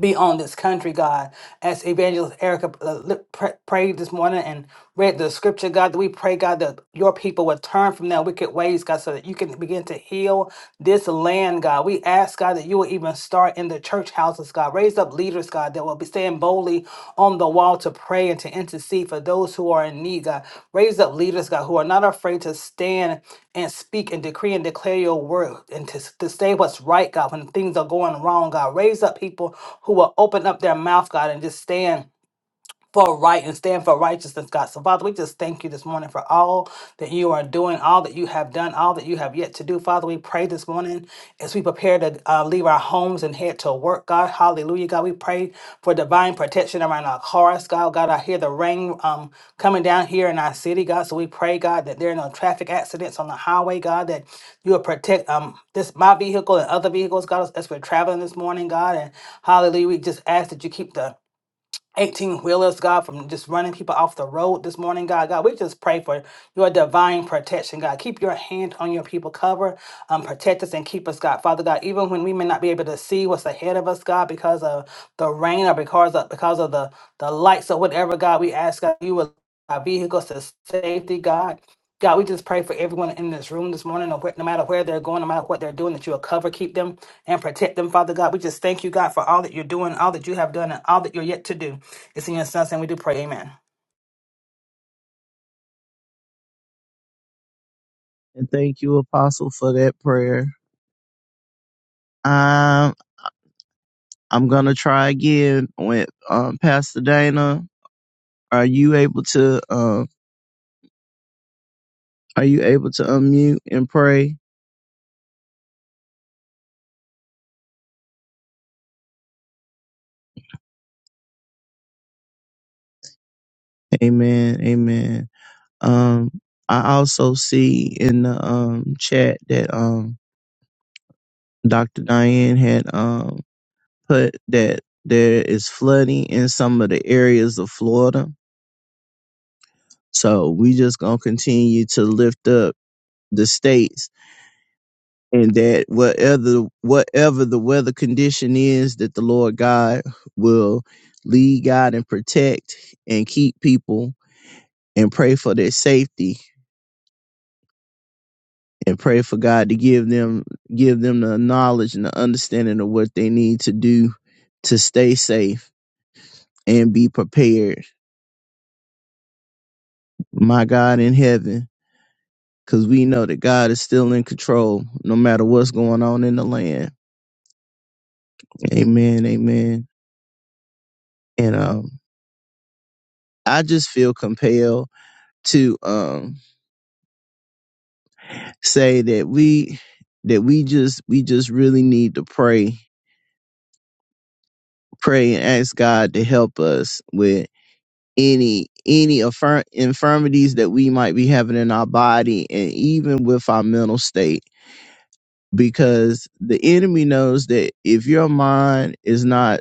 S3: be on this country, God. As Evangelist Erica uh, li- pr- prayed this morning and read the scripture, God, that we pray, God, that your people would turn from their wicked ways, God, so that you can begin to heal this land, God. We ask, God, that you will even start in the church houses, God. Raise up leaders, God, that will be standing boldly on the wall to pray and to intercede for those who are in need, God. Raise up leaders, God, who are not afraid to stand and speak and decree and declare your word and to, to say what's right, God, when things are going wrong, God. Raise up people who will open up their mouth, God, and just stand for right and stand for righteousness, God. So, Father, we just thank you this morning for all that you are doing, all that you have done, all that you have yet to do. Father, we pray this morning as we prepare to uh, leave our homes and head to work, God. Hallelujah, God. We pray for divine protection around our cars, God. God, I hear the rain um, coming down here in our city, God. So, we pray, God, that there are no traffic accidents on the highway, God, that you will protect um, this my vehicle and other vehicles, God, as as we're traveling this morning, God. And hallelujah, we just ask that you keep the 18 wheelers, God, from just running people off the road this morning, God. God, we just pray for your divine protection, God. Keep your hand on your people, cover, um, protect us, and keep us, God. Father God, even when we may not be able to see what's ahead of us, God, because of the rain or because of, because of the, the lights or whatever, God, we ask God, you will our vehicles to safety, God. God, we just pray for everyone in this room this morning, no no matter where they're going, no matter what they're doing, that you'll cover, keep them, and protect them, Father God. We just thank you, God, for all that you're doing, all that you have done, and all that you're yet to do. It's in your son's name we do pray. Amen.
S1: And thank you, Apostle, for that prayer. Um, I'm gonna try again with um Pastor Dana. Are you able to um are you able to unmute and pray? Amen. Amen. Um I also see in the um chat that um Dr. Diane had um. put that there is flooding in some of the areas of Florida. So we just gonna continue to lift up the states and that whatever whatever the weather condition is that the Lord God will lead God and protect and keep people and pray for their safety and pray for God to give them give them the knowledge and the understanding of what they need to do to stay safe and be prepared. My God in heaven because we know that God is still in control no matter what's going on in the land. Amen. Amen. And um, I just feel compelled to um say that we that we just we just really need to pray pray and ask God to help us with any any affirm, infirmities that we might be having in our body and even with our mental state because the enemy knows that if your mind is not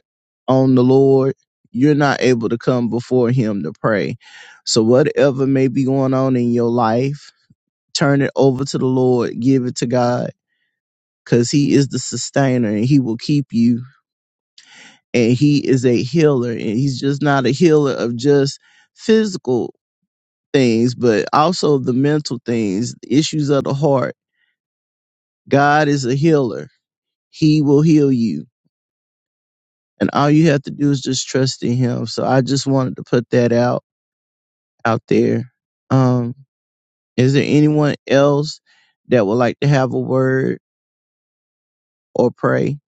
S1: on the Lord, you're not able to come before Him to pray. So, whatever may be going on in your life, turn it over to the Lord, give it to God, because He is the sustainer and He will keep you. And He is a healer, and He's just not a healer of just physical things, but also the mental things, the issues of the heart. God is a healer, He will heal you and all you have to do is just trust in him. So I just wanted to put that out out there. Um, is there anyone else that would like to have a word or pray?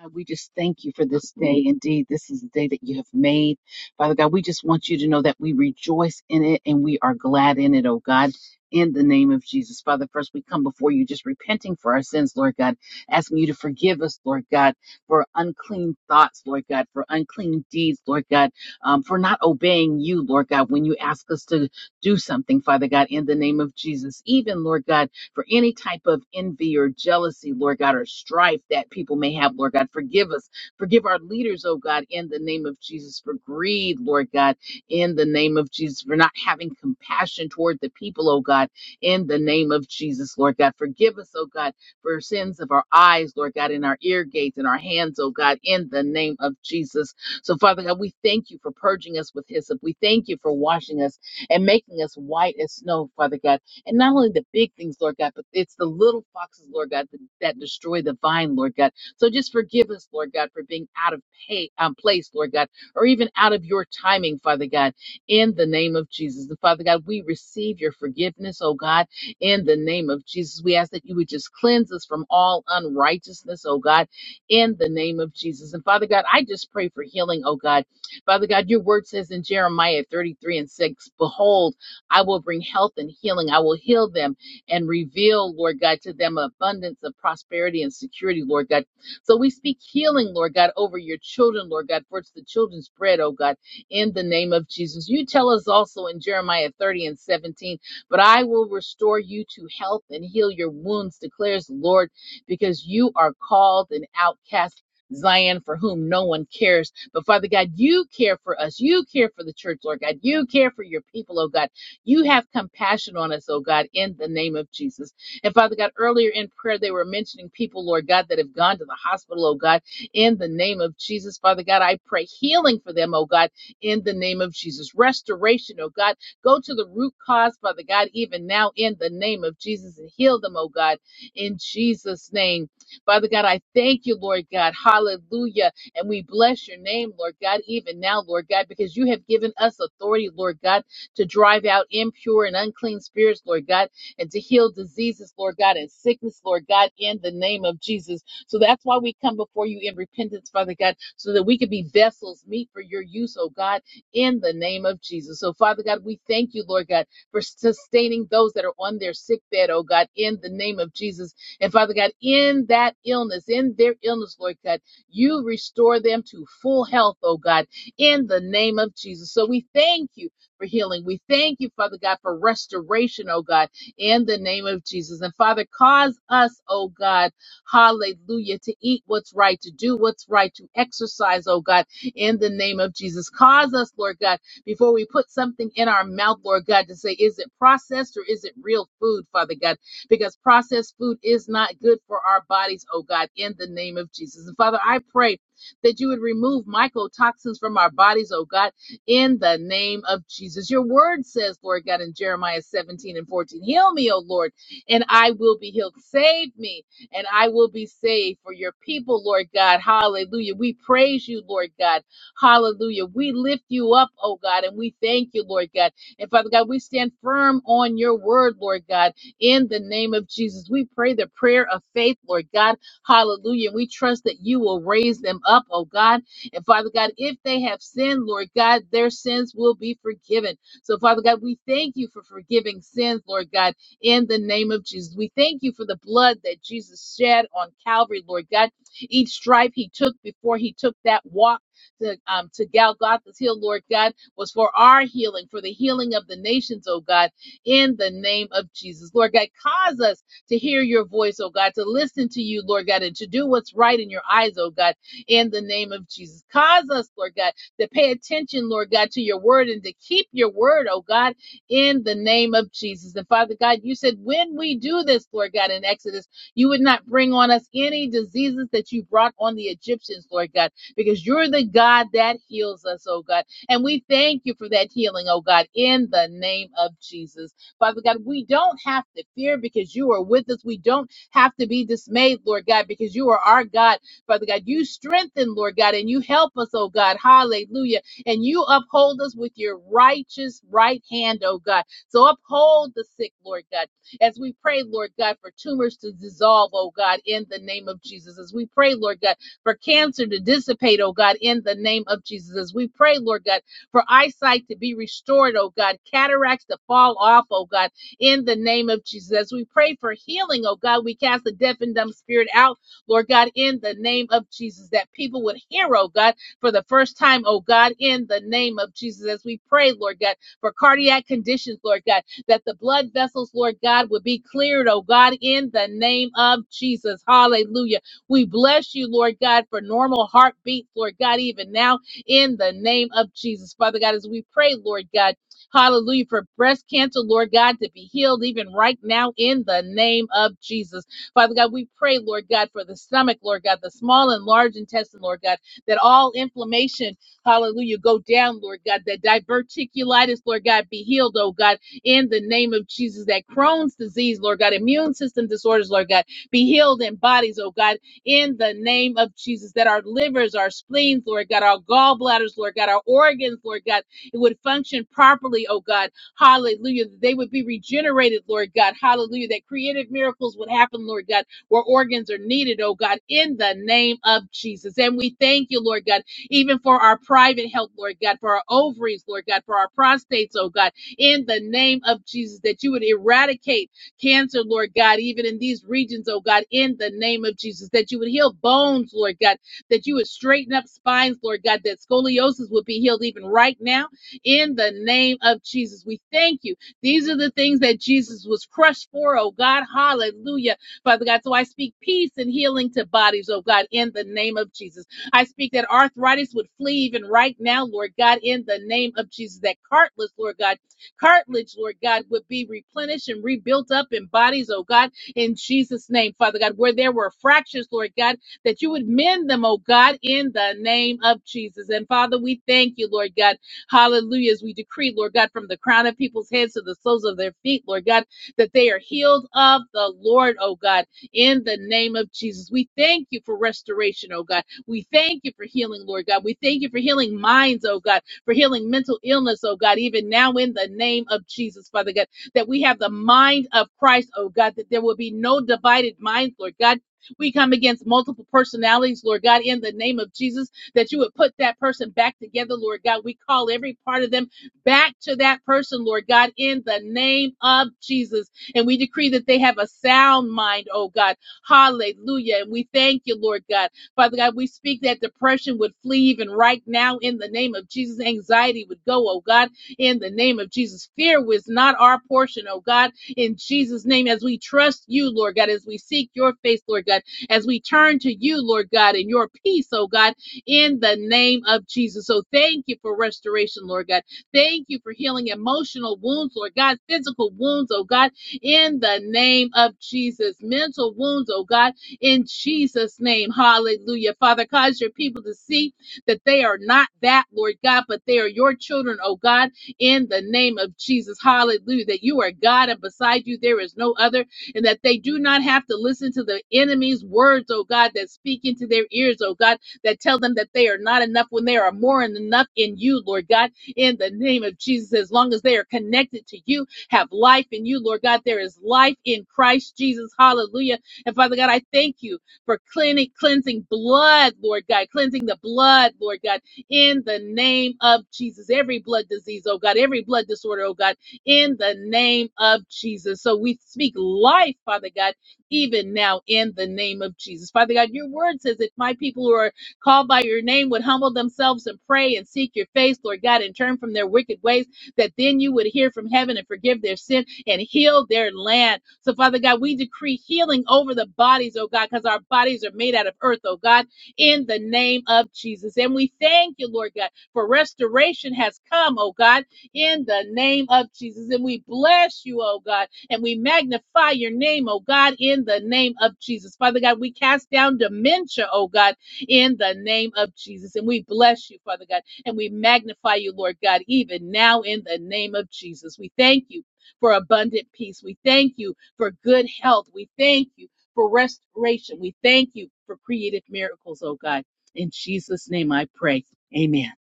S4: God, we just thank you for this day. Indeed, this is the day that you have made. Father God, we just want you to know that we rejoice in it and we are glad in it, oh God. In the name of Jesus. Father, first we come before you just repenting for our sins, Lord God, asking you to forgive us, Lord God, for unclean thoughts, Lord God, for unclean deeds, Lord God, um, for not obeying you, Lord God, when you ask us to do something, Father God, in the name of Jesus. Even, Lord God, for any type of envy or jealousy, Lord God, or strife that people may have, Lord God. Forgive us. Forgive our leaders, oh God, in the name of Jesus, for greed, Lord God, in the name of Jesus, for not having compassion toward the people, oh God, in the name of Jesus, Lord God. Forgive us, oh God, for sins of our eyes, Lord God, in our ear gates and our hands, oh God, in the name of Jesus. So, Father God, we thank you for purging us with hyssop. We thank you for washing us and making us white as snow, Father God. And not only the big things, Lord God, but it's the little foxes, Lord God, that, that destroy the vine, Lord God. So just forgive us, Lord God, for being out of pay, um, place, Lord God, or even out of your timing, Father God, in the name of Jesus. And Father God, we receive your forgiveness, oh God, in the name of Jesus. We ask that you would just cleanse us from all unrighteousness, oh God, in the name of Jesus. And Father God, I just pray for healing, oh God. Father God, your word says in Jeremiah 33 and 6, Behold, I will bring health and healing. I will heal them and reveal, Lord God, to them abundance of prosperity and security, Lord God. So we speak healing, Lord God, over your children, Lord God, for it's the children's bread, oh God, in the name of Jesus. You tell us also in Jeremiah 30 and 17, but I will restore you to health and heal your wounds, declares the Lord, because you are called an outcast. Zion, for whom no one cares. But Father God, you care for us. You care for the church, Lord God. You care for your people, oh God. You have compassion on us, oh God, in the name of Jesus. And Father God, earlier in prayer, they were mentioning people, Lord God, that have gone to the hospital, oh God, in the name of Jesus. Father God, I pray healing for them, oh God, in the name of Jesus. Restoration, oh God. Go to the root cause, Father God, even now in the name of Jesus and heal them, oh God, in Jesus' name. Father God, I thank you, Lord God. Hallelujah. And we bless your name, Lord God, even now, Lord God, because you have given us authority, Lord God to drive out impure and unclean spirits, Lord God, and to heal diseases, Lord God, and sickness, Lord God, in the name of Jesus. So that's why we come before you in repentance, Father God, so that we can be vessels meet for your use, oh God, in the name of Jesus. So, Father God, we thank you, Lord God, for sustaining those that are on their sick bed, oh God, in the name of Jesus. And Father God, in that illness, in their illness, Lord God, you restore them to full health, oh God, in the name of Jesus. So we thank you for healing. We thank you, Father God, for restoration, oh God, in the name of Jesus. And Father, cause us, oh God, hallelujah, to eat what's right, to do what's right, to exercise, oh God, in the name of Jesus. Cause us, Lord God, before we put something in our mouth, Lord God, to say, is it processed or is it real food, Father God? Because processed food is not good for our bodies, oh God, in the name of Jesus. And Father, I pray that you would remove mycotoxins from our bodies, oh God in the name of Jesus. Your word says, Lord God, in Jeremiah 17 and 14, Heal me, O Lord, and I will be healed. Save me, and I will be saved for your people, Lord God. Hallelujah. We praise you, Lord God. Hallelujah. We lift you up, oh God, and we thank you, Lord God. And Father God, we stand firm on your word, Lord God, in the name of Jesus. We pray the prayer of faith, Lord God. Hallelujah. We trust that you will raise them up, oh God. And Father God, if they have sinned, Lord God, their sins will be forgiven. So, Father God, we thank you for forgiving sins, Lord God, in the name of Jesus. We thank you for the blood that Jesus shed on Calvary, Lord God. Each stripe he took before he took that walk. To, um, to Golgotha's Hill, Lord God, was for our healing, for the healing of the nations, oh God, in the name of Jesus. Lord God, cause us to hear your voice, oh God, to listen to you, Lord God, and to do what's right in your eyes, oh God in the name of Jesus. Cause us, Lord God, to pay attention, Lord God, to your word and to keep your word, oh God, in the name of Jesus. And Father God, you said when we do this, Lord God, in Exodus, you would not bring on us any diseases that you brought on the Egyptians, Lord God, because you're the God that heals us, oh God. And we thank you for that healing, oh God, in the name of Jesus. Father God, we don't have to fear because you are with us. We don't have to be dismayed, Lord God, because you are our God Father God. You strengthen, Lord God, and you help us, oh God. Hallelujah. And you uphold us with your righteous right hand, oh God. So uphold the sick, Lord God. As we pray, Lord God, for tumors to dissolve, oh God, in the name of Jesus. As we pray, Lord God, for cancer to dissipate, oh God, in the name of Jesus. As we pray, Lord God, for eyesight to be restored, oh God, cataracts to fall off, oh God, in the name of Jesus. As we pray for healing, oh God, we cast the deaf and dumb spirit out Lord God, in the name of Jesus, that people would hear, oh God, for the first time, oh God, in the name of Jesus, as we pray, Lord God, for cardiac conditions, Lord God, that the blood vessels, Lord God, would be cleared, oh God, in the name of Jesus. Hallelujah. We bless you, Lord God, for normal heartbeats, Lord God, even now, in the name of Jesus. Father God, as we pray, Lord God, hallelujah, for breast cancer, Lord God, to be healed even right now, in the name of Jesus. Father God, we pray, Lord God, for the stomach, Lord God, the small and large intestine, Lord God, that all inflammation, hallelujah, go down, Lord God, that diverticulitis, Lord God, be healed, oh God, in the name of Jesus, that Crohn's disease, Lord God, immune system disorders, Lord God, be healed in bodies, oh God, in the name of Jesus, that our livers, our spleens, Lord God, our gallbladders, Lord God, our organs, Lord God, it would function properly, oh God, Hallelujah. That they would be regenerated, Lord God. Hallelujah. That creative miracles would happen, Lord God, where organs are needed, oh God, in the name of Jesus. And we thank you, Lord God, even for our private health, Lord God, for our ovaries, Lord God, for our prostates, oh God, in the name of Jesus, that you would eradicate cancer, Lord God, even in these regions, oh God, in the name of Jesus, that you would heal bones, Lord God, that you would straighten up spines, Lord God, that scoliosis would be healed even right now in the name of Jesus. We thank you. These are the things that Jesus was crushed for, oh God. Hallelujah. Father God, so I speak peace and healing to bodies, oh God, in the name of Jesus. I speak that arthritis would flee even right now, Lord God, in the name of Jesus. That cartilage, Lord God, cartilage, Lord God, would be replenished and rebuilt up in bodies, oh God, in Jesus' name, Father God, where there were fractures, Lord God, that you would mend them, oh God, in the name of Jesus. And Father, we thank you, Lord God. Hallelujah. As we decree, Lord God, from the crown of people's heads to the soles of their feet, Lord God, that they are healed of the Lord, oh God, in the name of Jesus. We thank you for restoration, oh God. We thank you for healing, Lord God. We thank you for healing minds, oh God, for healing mental illness, oh God, even now in the name of Jesus, Father God, that we have the mind of Christ, oh God, that there will be no divided minds, Lord God. We come against multiple personalities, Lord God, in the name of Jesus that you would put that person back together, Lord God. We call every part of them back to that person, Lord God, in the name of Jesus. And we decree that they have a sound mind, oh God. Hallelujah. And we thank you, Lord God. Father God, we speak that depression would flee even right now in the name of Jesus. Anxiety would go, oh God, in the name of Jesus. Fear was not our portion, oh God, in Jesus' name. As we trust you, Lord God, as we seek your face, Lord God, as we turn to you, Lord God, in your peace, oh God in the name of Jesus. So thank you for restoration, Lord God. Thank you for healing emotional wounds, Lord God, physical wounds, oh God, in the name of Jesus, mental wounds, oh God, in Jesus' name. Hallelujah. Father, cause your people to see that they are not that, Lord God, but they are your children, oh God, in the name of Jesus. Hallelujah. That you are God and beside you there is no other, and that they do not have to listen to the enemy's words, oh God, that speak into their ears, oh God that tell them that they are not enough when they are more than enough in you, Lord God, in the name of Jesus. As long as they are connected to you, have life in you, Lord God, there is life in Christ Jesus. Hallelujah. And Father God, I thank you for cleaning, cleansing blood, Lord God, cleansing the blood, Lord God, in the name of Jesus. Every blood disease, oh God, every blood disorder, oh God, in the name of Jesus. So we speak life, Father God, even now in the name of Jesus. Father God, your word says if my people who are called by your name would humble themselves and pray and seek your face, Lord God, and turn from their wicked ways, that then you would hear from heaven and forgive their sin and heal their land. So, Father God, we decree healing over the bodies, oh God, because our bodies are made out of earth, oh God, in the name of Jesus. And we thank you, Lord God, for restoration has come, oh God, in the name of Jesus. And we bless you, oh God, and we magnify your name, oh God, in the name of Jesus. Father God, we cast down dementia, oh God in the name of Jesus. And we bless you, Father God, and we magnify you, Lord God, even now in the name of Jesus. We thank you for abundant peace. We thank you for good health. We thank you for restoration. We thank you for creative miracles, oh God. In Jesus' name I pray. Amen.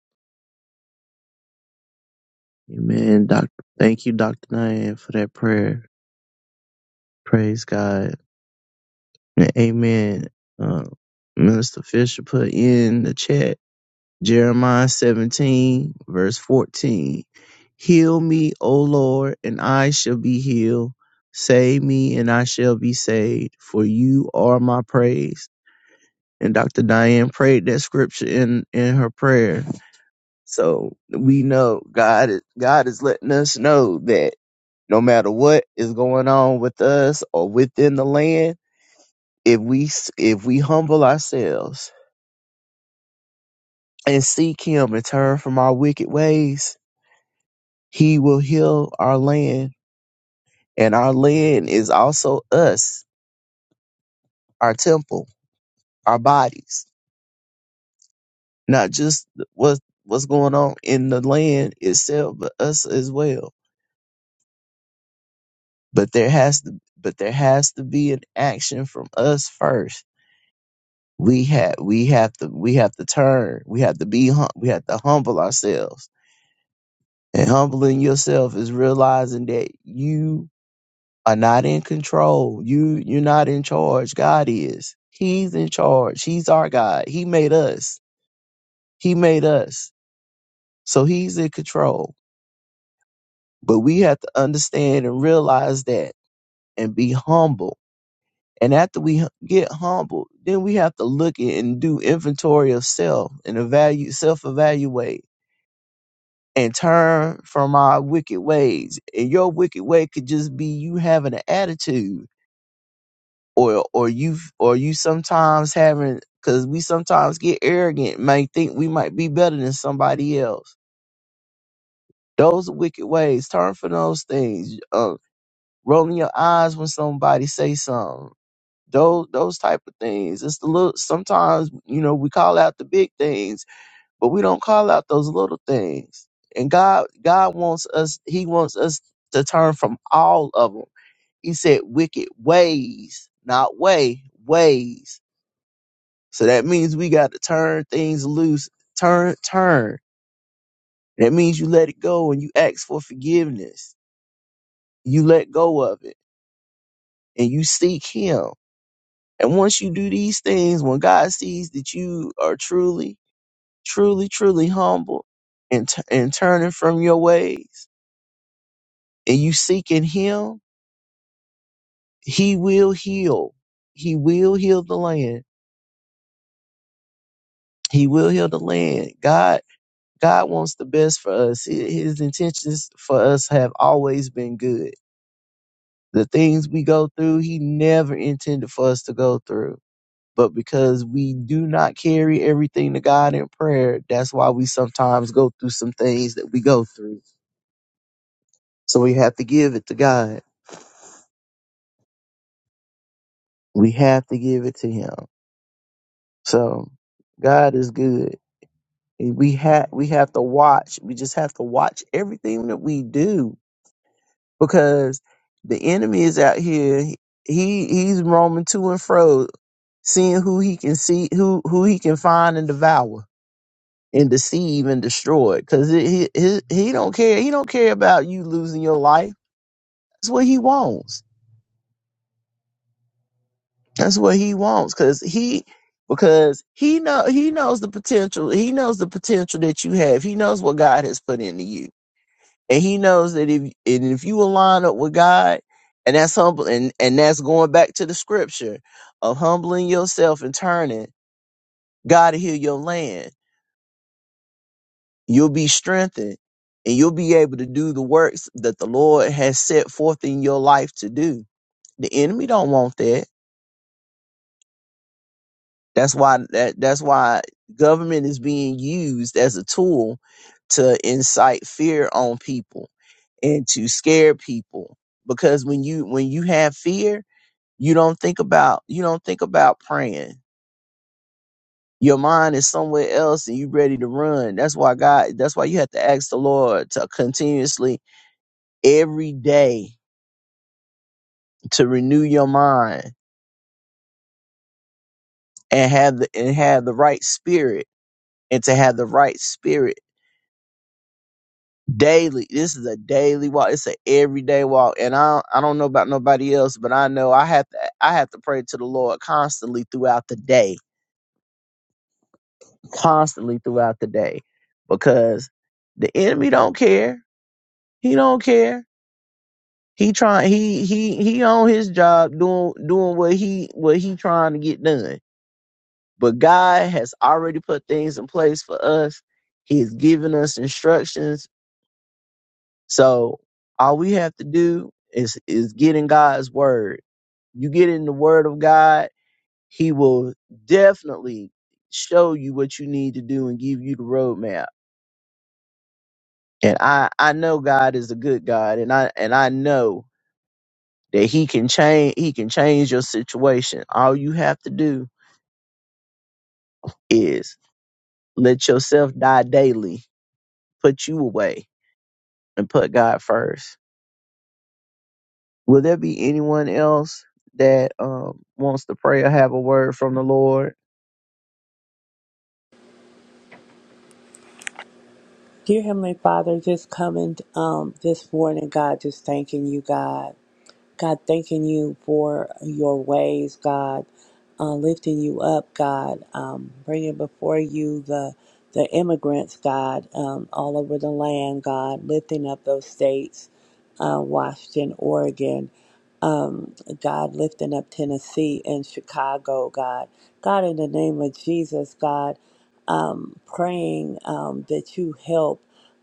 S1: Amen. Doctor, thank you, Doctor Diane, for that prayer. Praise God. And Amen. Uh, Minister Fisher put in the chat. Jeremiah 17, verse 14. Heal me, O Lord, and I shall be healed. Save me, and I shall be saved, for you are my praise. And Dr. Diane prayed that scripture in, in her prayer. So we know God is, God is letting us know that no matter what is going on with us or within the land, if we, if we humble ourselves and seek him and turn from our wicked ways, He will heal our land, and our land is also us, our temple, our bodies, not just what what's going on in the land itself, but us as well. But there has to but there has to be an action from us first. We have we have to we have to turn. We have to be hum- we have to humble ourselves. And humbling yourself is realizing that you are not in control. You you're not in charge. God is. He's in charge. He's our God. He made us. He made us. So he's in control. But we have to understand and realize that and be humble. And after we hu- get humble, then we have to look at and do inventory of self and evaluate self-evaluate and turn from our wicked ways. And your wicked way could just be you having an attitude or or you or you sometimes having because we sometimes get arrogant may think we might be better than somebody else those are wicked ways turn from those things uh, rolling your eyes when somebody say something those those type of things it's the little sometimes you know we call out the big things but we don't call out those little things and god god wants us he wants us to turn from all of them he said wicked ways not way ways So that means we got to turn things loose, turn, turn. That means you let it go and you ask for forgiveness. You let go of it and you seek Him. And once you do these things, when God sees that you are truly, truly, truly humble and, t- and turning from your ways and you seeking Him, He will heal. He will heal the land. He will heal the land. God God wants the best for us. His his intentions for us have always been good. The things we go through, He never intended for us to go through. But because we do not carry everything to God in prayer, that's why we sometimes go through some things that we go through. So we have to give it to God. We have to give it to Him. So God is good. And We have we have to watch. We just have to watch everything that we do because the enemy is out here. He he's roaming to and fro, seeing who he can see, who who he can find and devour and deceive and destroy. Because he, he he don't care. He don't care about you losing your life. That's what he wants. That's what he wants. Because he because he know he knows the potential. He knows the potential that you have. He knows what God has put into you and he knows that if and if you align up with God, and that's humble, and and that's going back to the scripture of humbling yourself and turning, God will heal your land. You'll be strengthened, and you'll be able to do the works that the Lord has set forth in your life to do. The enemy don't want that. That's why that that's why government is being used as a tool to incite fear on people and to scare people because when you when you have fear you don't think about you don't think about praying your mind is somewhere else and you are ready to run that's why god that's why you have to ask the lord to continuously every day to renew your mind and have the and have the right spirit and to have the right spirit daily this is a daily walk it's an everyday walk and i i don't know about nobody else but i know i have to i have to pray to the lord constantly throughout the day constantly throughout the day because the enemy don't care. He don't care. He trying he he he on his job doing doing what he what he trying to get done. But God has already put things in place for us. He's given us instructions. So all we have to do is is get in God's word. You get in the word of God, he will definitely show you what you need to do and give you the roadmap and I I know God is a good God, and I and I know that He can change He can change your situation. All you have to do is let yourself die daily, put you away, and put God first. Will there be anyone else that um, wants to pray or have a word from the Lord?
S5: Dear Heavenly Father, just coming um, this morning, God, just thanking you, God. God, thanking you for your ways, God, uh, lifting you up, God, um, bringing before you the the immigrants, God, um, all over the land, God, lifting up those states, uh, Washington, Oregon, um, God, lifting up Tennessee and Chicago, God. God, in the name of Jesus, God um, praying um, that you help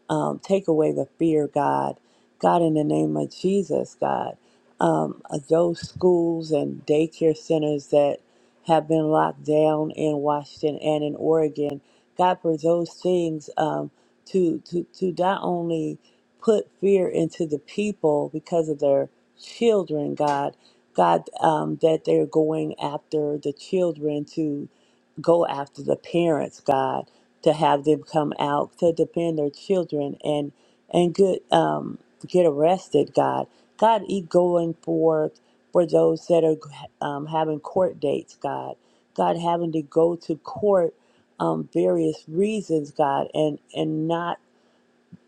S5: um, take away the fear, God. God, in the name of Jesus, God, um, uh, those schools and daycare centers that have been locked down in Washington and in Oregon, God, for those things um, to, to, to not only put fear into the people because of their children, God, God, um, that they're going after the children to go after the parents, God, to have them come out to defend their children and and get um, get arrested, God. God, e going forth for those that are um, having court dates, God. God having to go to court um, various reasons, God, and and not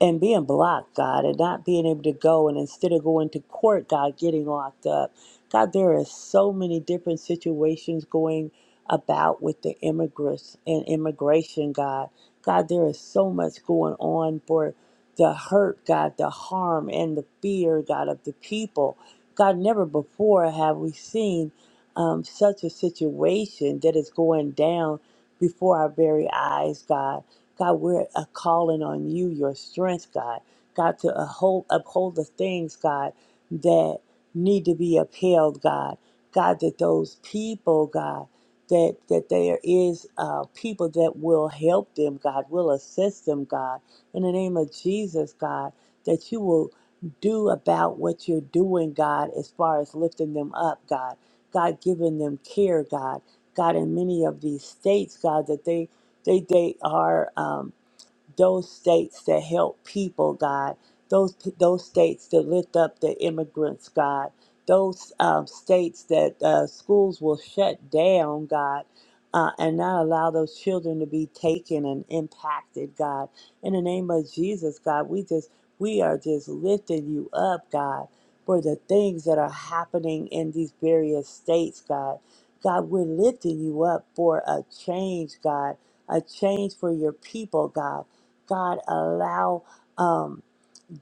S5: and being blocked, God, and not being able to go, and instead of going to court, God, getting locked up. God, there are so many different situations going about with the immigrants and immigration, God. God, there is so much going on for the hurt, God, the harm, and the fear, God, of the people. God, never before have we seen um, such a situation that is going down before our very eyes, God. God, we're uh, calling on you, your strength, God. God, to uphold, uphold the things, God, that need to be upheld, God. God, that those people, God, that that there is uh, people that will help them, God, will assist them, God. In the name of Jesus, God, that you will do about what you're doing, God, as far as lifting them up, God. God, giving them care, God. God, in many of these states, God, that they they they are. um, those states that help people, God, those those states that lift up the immigrants, God, those um, states that uh, schools will shut down, God, uh, and not allow those children to be taken and impacted, God. In the name of Jesus, God, we just we are just lifting you up, God, for the things that are happening in these various states, God. God, we're lifting you up for a change, God, a change for your people, God. God, allow um,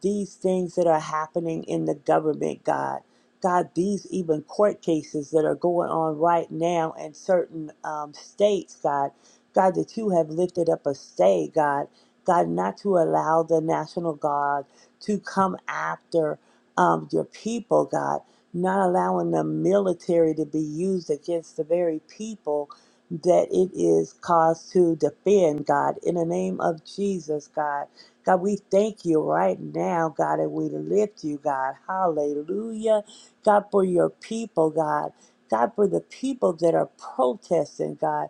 S5: these things that are happening in the government, God. God, these even court cases that are going on right now in certain um, states, God. God, that you have lifted up a stay, God. God, not to allow the National Guard to come after um, your people, God. Not allowing the military to be used against the very people that it is caused to defend, God. In the name of Jesus, God. God, we thank you right now, God, and we lift you, God. Hallelujah. God, for your people, God. God, for the people that are protesting, God,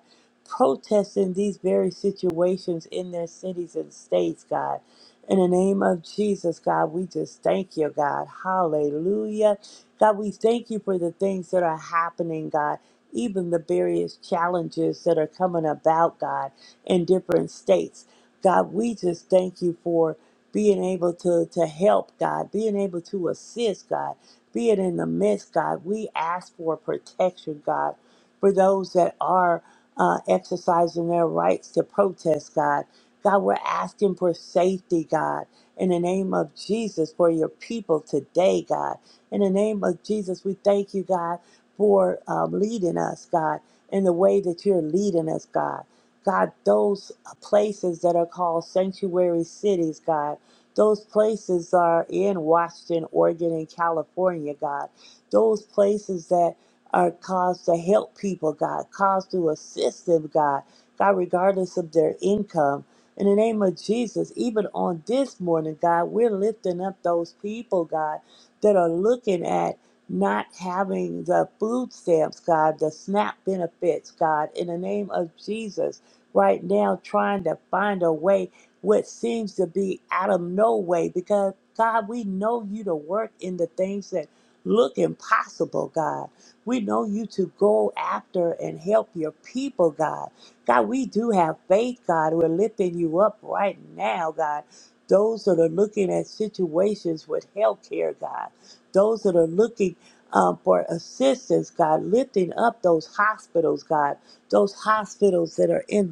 S5: protesting these very situations in their cities and states, God. In the name of Jesus, God, we just thank you, God. Hallelujah. God, we thank you for the things that are happening, God, even the various challenges that are coming about, God, in different states. God, we just thank you for being able to, to help, God, being able to assist, God, being in the midst, God. We ask for protection, God, for those that are uh, exercising their rights to protest, God. God, we're asking for safety, God, in the name of Jesus for your people today, God. In the name of Jesus, we thank you, God, for um, leading us, God, in the way that you're leading us, God. God, those places that are called sanctuary cities, God, those places are in Washington, Oregon, and California, God. Those places that are caused to help people, God, caused to assist them, God, God, regardless of their income. In the name of Jesus, even on this morning, God, we're lifting up those people, God, that are looking at not having the food stamps, God, the SNAP benefits, God, in the name of Jesus right now trying to find a way what seems to be out of no way because God, we know you to work in the things that look impossible, God. We know you to go after and help your people, God. God, we do have faith, God. We're lifting you up right now, God. Those that are looking at situations with health care, God. Those that are looking um, for assistance, God, lifting up those hospitals, God, those hospitals that are in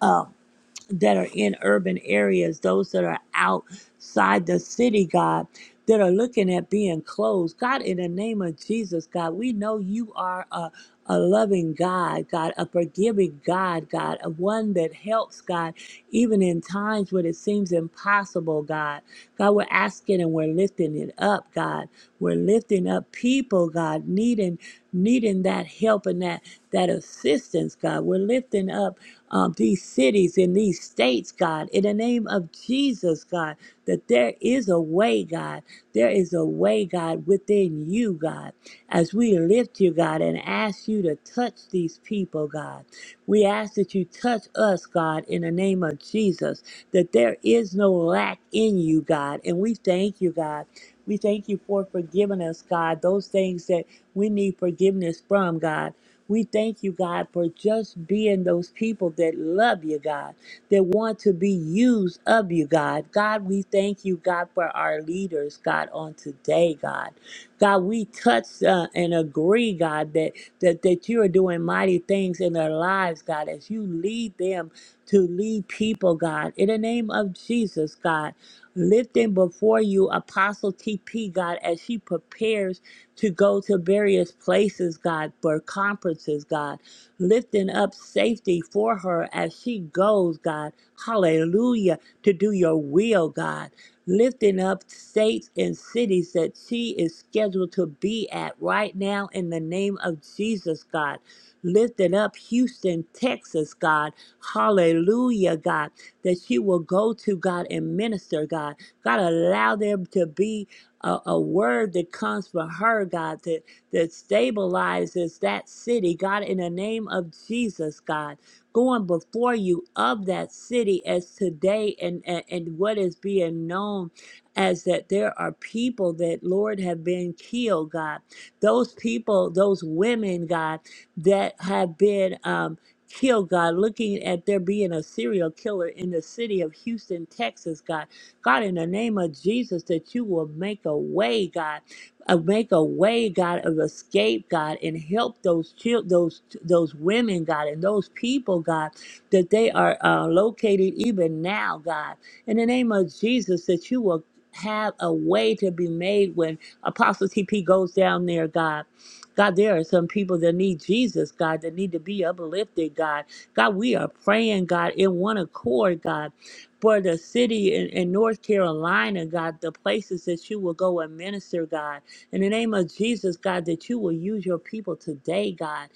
S5: uh, that are in urban areas, those that are outside the city, God, that are looking at being closed. God, in the name of Jesus, God, we know you are a, a loving God, God, a forgiving God, God, a one that helps, God, even in times when it seems impossible, God. God, we're asking and we're lifting it up, God. We're lifting up people, God, needing needing that help and that that assistance, God. We're lifting up um, these cities, in these states, God, in the name of Jesus, God, that there is a way, God. There is a way, God, within you, God. As we lift you, God, and ask you to touch these people, God, we ask that you touch us, God, in the name of Jesus, that there is no lack in you, God. And we thank you, God. We thank you for forgiving us, God, those things that we need forgiveness from, God we thank you, God, for just being those people that love you, God, that want to be used of you, God. God, we thank you, God, for our leaders, God, on today, God. God, we touch uh, and agree, God, that, that that you are doing mighty things in their lives, God, as you lead them to lead people, God. In the name of Jesus, God, lift them before you, Apostle TP, God, as she prepares to go to various places, God, for conferences, God, lifting up safety for her as she goes, God. Hallelujah. To do your will, God. Lifting up states and cities that she is scheduled to be at right now in the name of Jesus, God. Lifting up Houston, Texas, God. Hallelujah, God. That she will go to, God, and minister, God. God, allow them to be a, a word that comes from her, God, that, that stabilizes that city, God, in the name of Jesus, God, going before you of that city as today and, and, and what is being known as that there are people that, Lord, have been killed, God. Those people, those women, God, that have been um, killed, God, looking at there being a serial killer in the city of Houston, Texas, God. God, in the name of Jesus, that you will make a way, God, uh, make a way, God, of escape, God, and help those chil- those those women, God, and those people, God, that they are uh, located even now, God, in the name of Jesus, that you will have a way to be made when Apostle TP goes down there, God. God, there are some people that need Jesus, God, that need to be uplifted, God. God, we are praying, God, in one accord, God for the city in, in North Carolina, God, the places that you will go and minister, God. In the name of Jesus, God, that you will use your people today, God,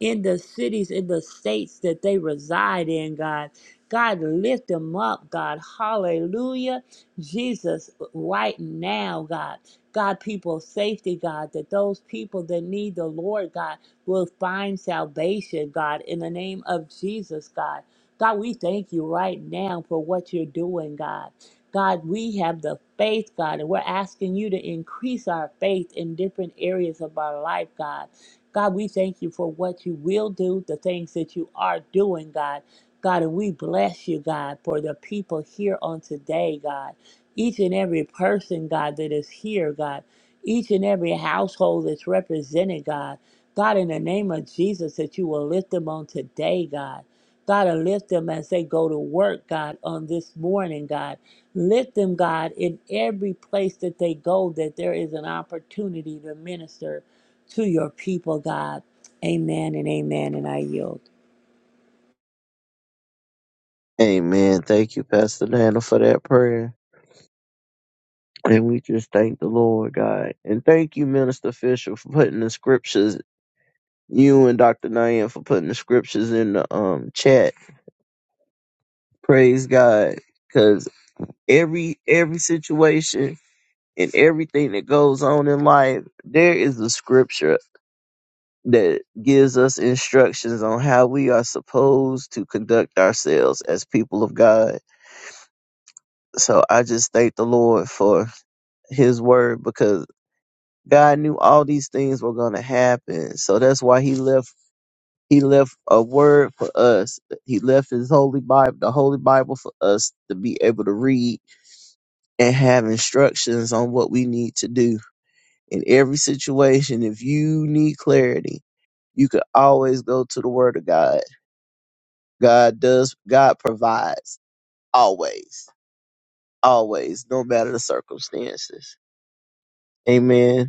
S5: in the cities, in the states that they reside in, God. God, lift them up, God. Hallelujah. Jesus, right now, God. God, people, safety, God, that those people that need the Lord, God, will find salvation, God, in the name of Jesus, God. God, we thank you right now for what you're doing, God. God, we have the faith, God, and we're asking you to increase our faith in different areas of our life, God. God, we thank you for what you will do, the things that you are doing, God. God, and we bless you, God, for the people here on today, God. Each and every person, God, that is here, God. Each and every household that's represented, God. God, in the name of Jesus, that you will lift them on today, God. God, to lift them as they go to work, God, on this morning, God. Lift them, God, in every place that they go, that there is an opportunity to minister to your people, God. Amen and amen, and I yield.
S1: Amen. Thank you, Pastor Dana, for that prayer. And we just thank the Lord God. And thank you, Minister Fisher, for putting the scriptures you and Dr. Nayan for putting the scriptures in the um chat. Praise God. Cause every every situation and everything that goes on in life, there is a scripture that gives us instructions on how we are supposed to conduct ourselves as people of God. So I just thank the Lord for his word because God knew all these things were gonna happen. So that's why he left He left a word for us. He left his holy Bible, the holy Bible for us to be able to read and have instructions on what we need to do in every situation. If you need clarity, you can always go to the word of God. God does, God provides always, always, no matter the circumstances. Amen.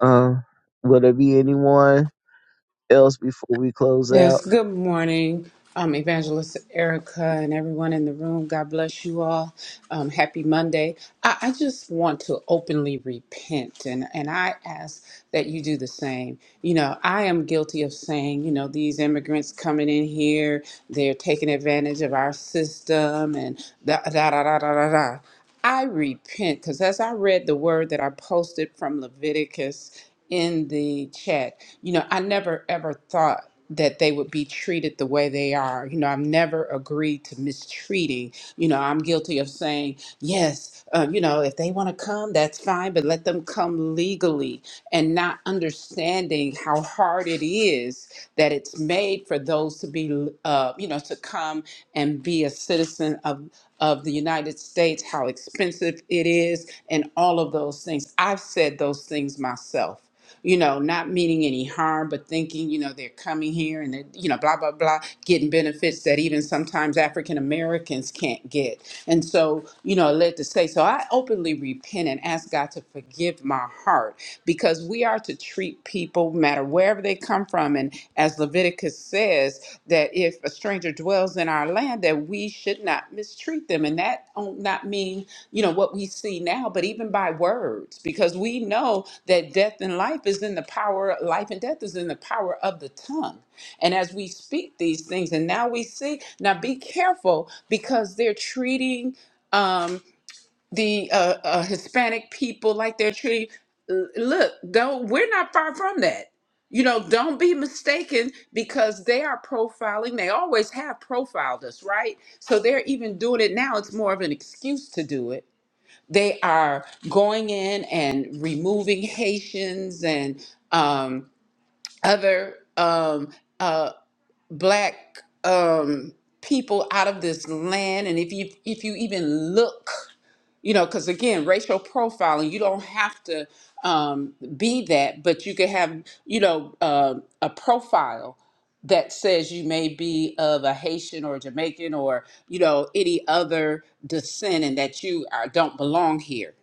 S1: Um, will there be anyone? else before we close out?
S6: Yes, good morning, um, Evangelist Erica and everyone in the room. God bless you all. Um, happy Monday. I, I just want to openly repent, and, and I ask that you do the same. You know, I am guilty of saying, you know, these immigrants coming in here, they're taking advantage of our system and da da da da da da. da. I repent because as I read the word that I posted from Leviticus in the chat, you know, I never ever thought that they would be treated the way they are. You know, I've never agreed to mistreating. You know, I'm guilty of saying, yes, uh, you know, if they want to come, that's fine side, but let them come legally and not understanding how hard it is that it's made for those to be, uh, you know, to come and be a citizen of, of the United States, how expensive it is, and all of those things. I've said those things myself you know, not meaning any harm, but thinking, you know, they're coming here and they're, you know, blah, blah, blah, getting benefits that even sometimes African Americans can't get. And so, you know, it led to say, so I openly repent and ask God to forgive my heart because we are to treat people, no matter wherever they come from. And as Leviticus says, that if a stranger dwells in our land, that we should not mistreat them. And that don't not mean you know what we see now but even by words because we know that death and life is in the power life and death is in the power of the tongue and as we speak these things and now we see now be careful because they're treating um the uh, uh hispanic people like they're treating L- look don't we're not far from that you know, don't be mistaken because they are profiling. They always have profiled us, right? So they're even doing it now. It's more of an excuse to do it they are going in and removing Haitians and um, other um, uh, black um, people out of this land. And if you if you even look, you know, because again, racial profiling, you don't have to um, be that, but you can have you know uh, a profile that says you may be of a Haitian or Jamaican or you know any other descent and that you are, don't belong here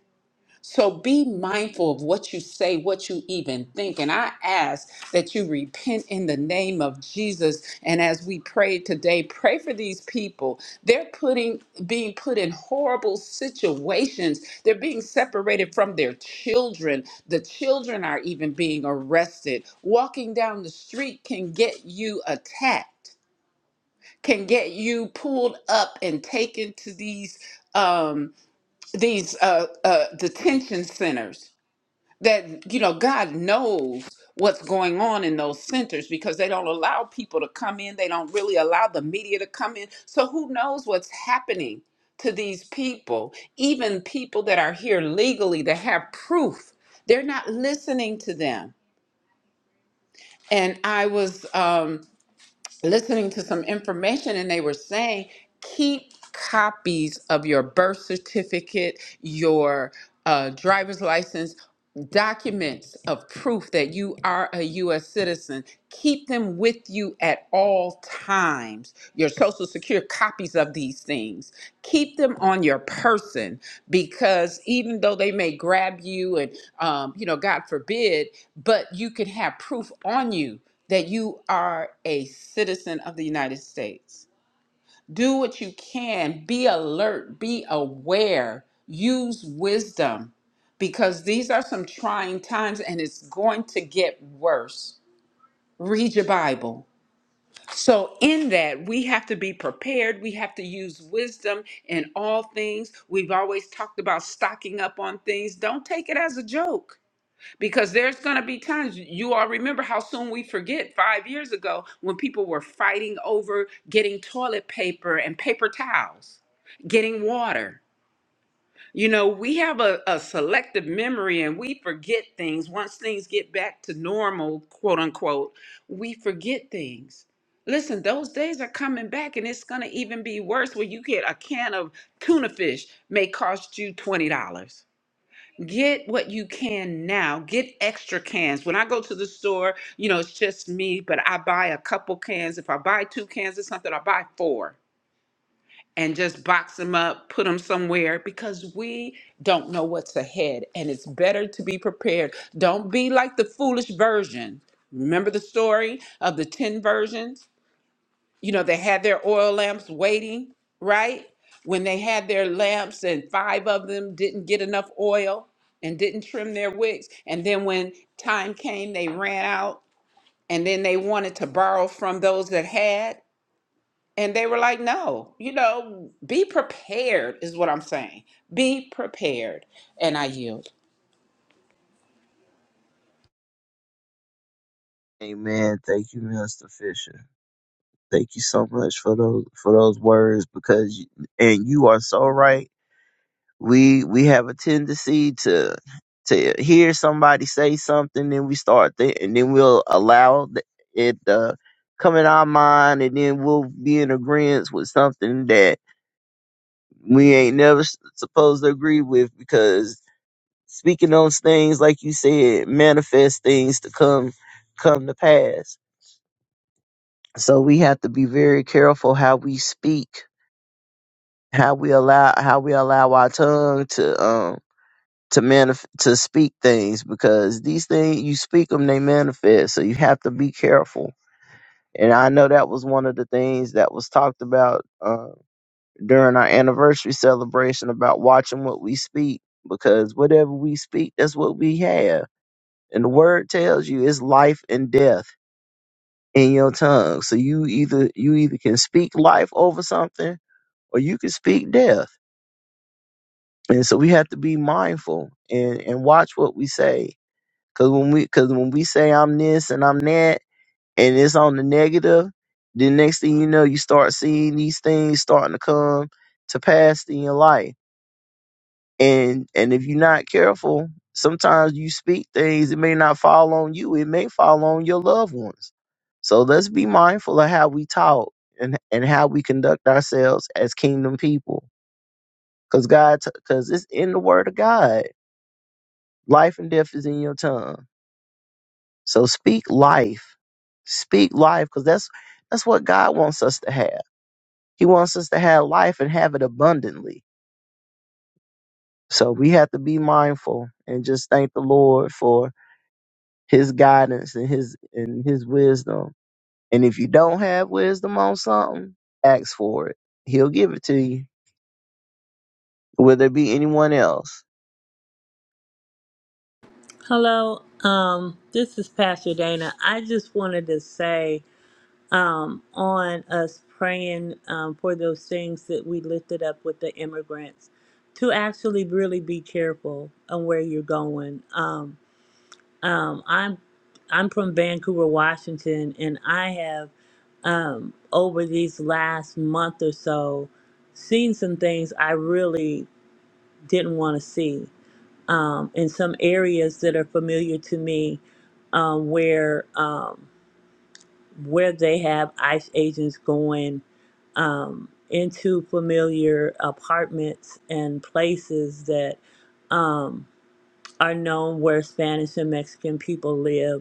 S6: so be mindful of what you say, what you even think. And I ask that you repent in the name of Jesus. And as we pray today, pray for these people. They're putting being put in horrible situations. They're being separated from their children. The children are even being arrested. Walking down the street can get you attacked, can get you pulled up and taken to these um these uh, uh detention centers that you know God knows what's going on in those centers because they don't allow people to come in. They don't really allow the media to come in. So who knows what's happening to these people? Even people that are here legally that have proof, they're not listening to them. And I was um, listening to some information and they were saying keep copies of your birth certificate, your uh, driver's license, documents of proof that you are a U.S. citizen. Keep them with you at all times. Your social security copies of these things. Keep them on your person because even though they may grab you and, um, you know, God forbid, but you can have proof on you that you are a citizen of the United States. Do what you can, be alert, be aware, use wisdom because these are some trying times and it's going to get worse. Read your Bible. So, in that, we have to be prepared. We have to use wisdom in all things. We've always talked about stocking up on things. Don't take it as a joke because there's going to be times you all remember how soon we forget five years ago when people were fighting over getting toilet paper and paper towels, getting water. You know, we have a, a selective memory and we forget things. Once things get back to normal, quote unquote, we forget things. Listen, those days are coming back and it's going to even be worse where you get a can of tuna fish may cost you $20. Get what you can now. Get extra cans. When I go to the store, you know, it's just me, but I buy a couple cans. If I buy two cans or something, I buy four and just box them up, put them somewhere because we don't know what's ahead and it's better to be prepared. Don't be like the foolish version. Remember the story of the 10 virgins? you know, they had their oil lamps waiting, right? When they had their lamps and five of them didn't get enough oil and didn't trim their wicks. And then when time came, they ran out and then they wanted to borrow from those that had. And they were like, no, you know, be prepared, is what I'm saying. Be prepared. And I yield.
S1: Amen. Thank you, Mister Fisher. Thank you so much for those for those words because you, and you are so right. we we have a tendency to to hear somebody say something, then we start thi- and then we'll allow th- it uh, come in our mind, and then we'll be in agreement with something that we ain't never s- supposed to agree with because speaking those things, like you said, manifest things to come come to pass. So we have to be very careful how we speak, how we allow how we allow our tongue to um to manif- to speak things because these things you speak them they manifest so you have to be careful and i know that was one of the things that was talked about uh, during our anniversary celebration about watching what we speak because whatever we speak that's what we have and the word tells you it's life and death in your tongue so you either you either can speak life over something or you can speak death and so we have to be mindful and and watch what we say Cause when we cause when we say I'm this and I'm that and it's on the negative, the next thing you know, you start seeing these things starting to come to pass in your life. And and if you're not careful, sometimes you speak things, it may not fall on you, it may fall on your loved ones. So let's be mindful of how we talk and, and how we conduct ourselves as kingdom people. Cause God, t- cause it's in the word of God. Life and death is in your tongue So speak life. Speak life because that's that's what God wants us to have. He wants us to have life and have it abundantly. So we have to be mindful and just thank the Lord for his guidance and his and his wisdom. And if you don't have wisdom on something, ask for it. He'll give it to you. Will there be anyone else?
S5: Hello, um, this is Pastor Dana. I just wanted to say um, on us praying um, for those things that we lifted up with the immigrants, to actually really be careful on where you're going. um. Um, I'm I'm from Vancouver, Washington, and I have um, over these last month or so seen some things I really didn't want to see um, in some areas that are familiar to me, um, where um, where they have ICE agents going um, into familiar apartments and places that um, are known where Spanish and Mexican people live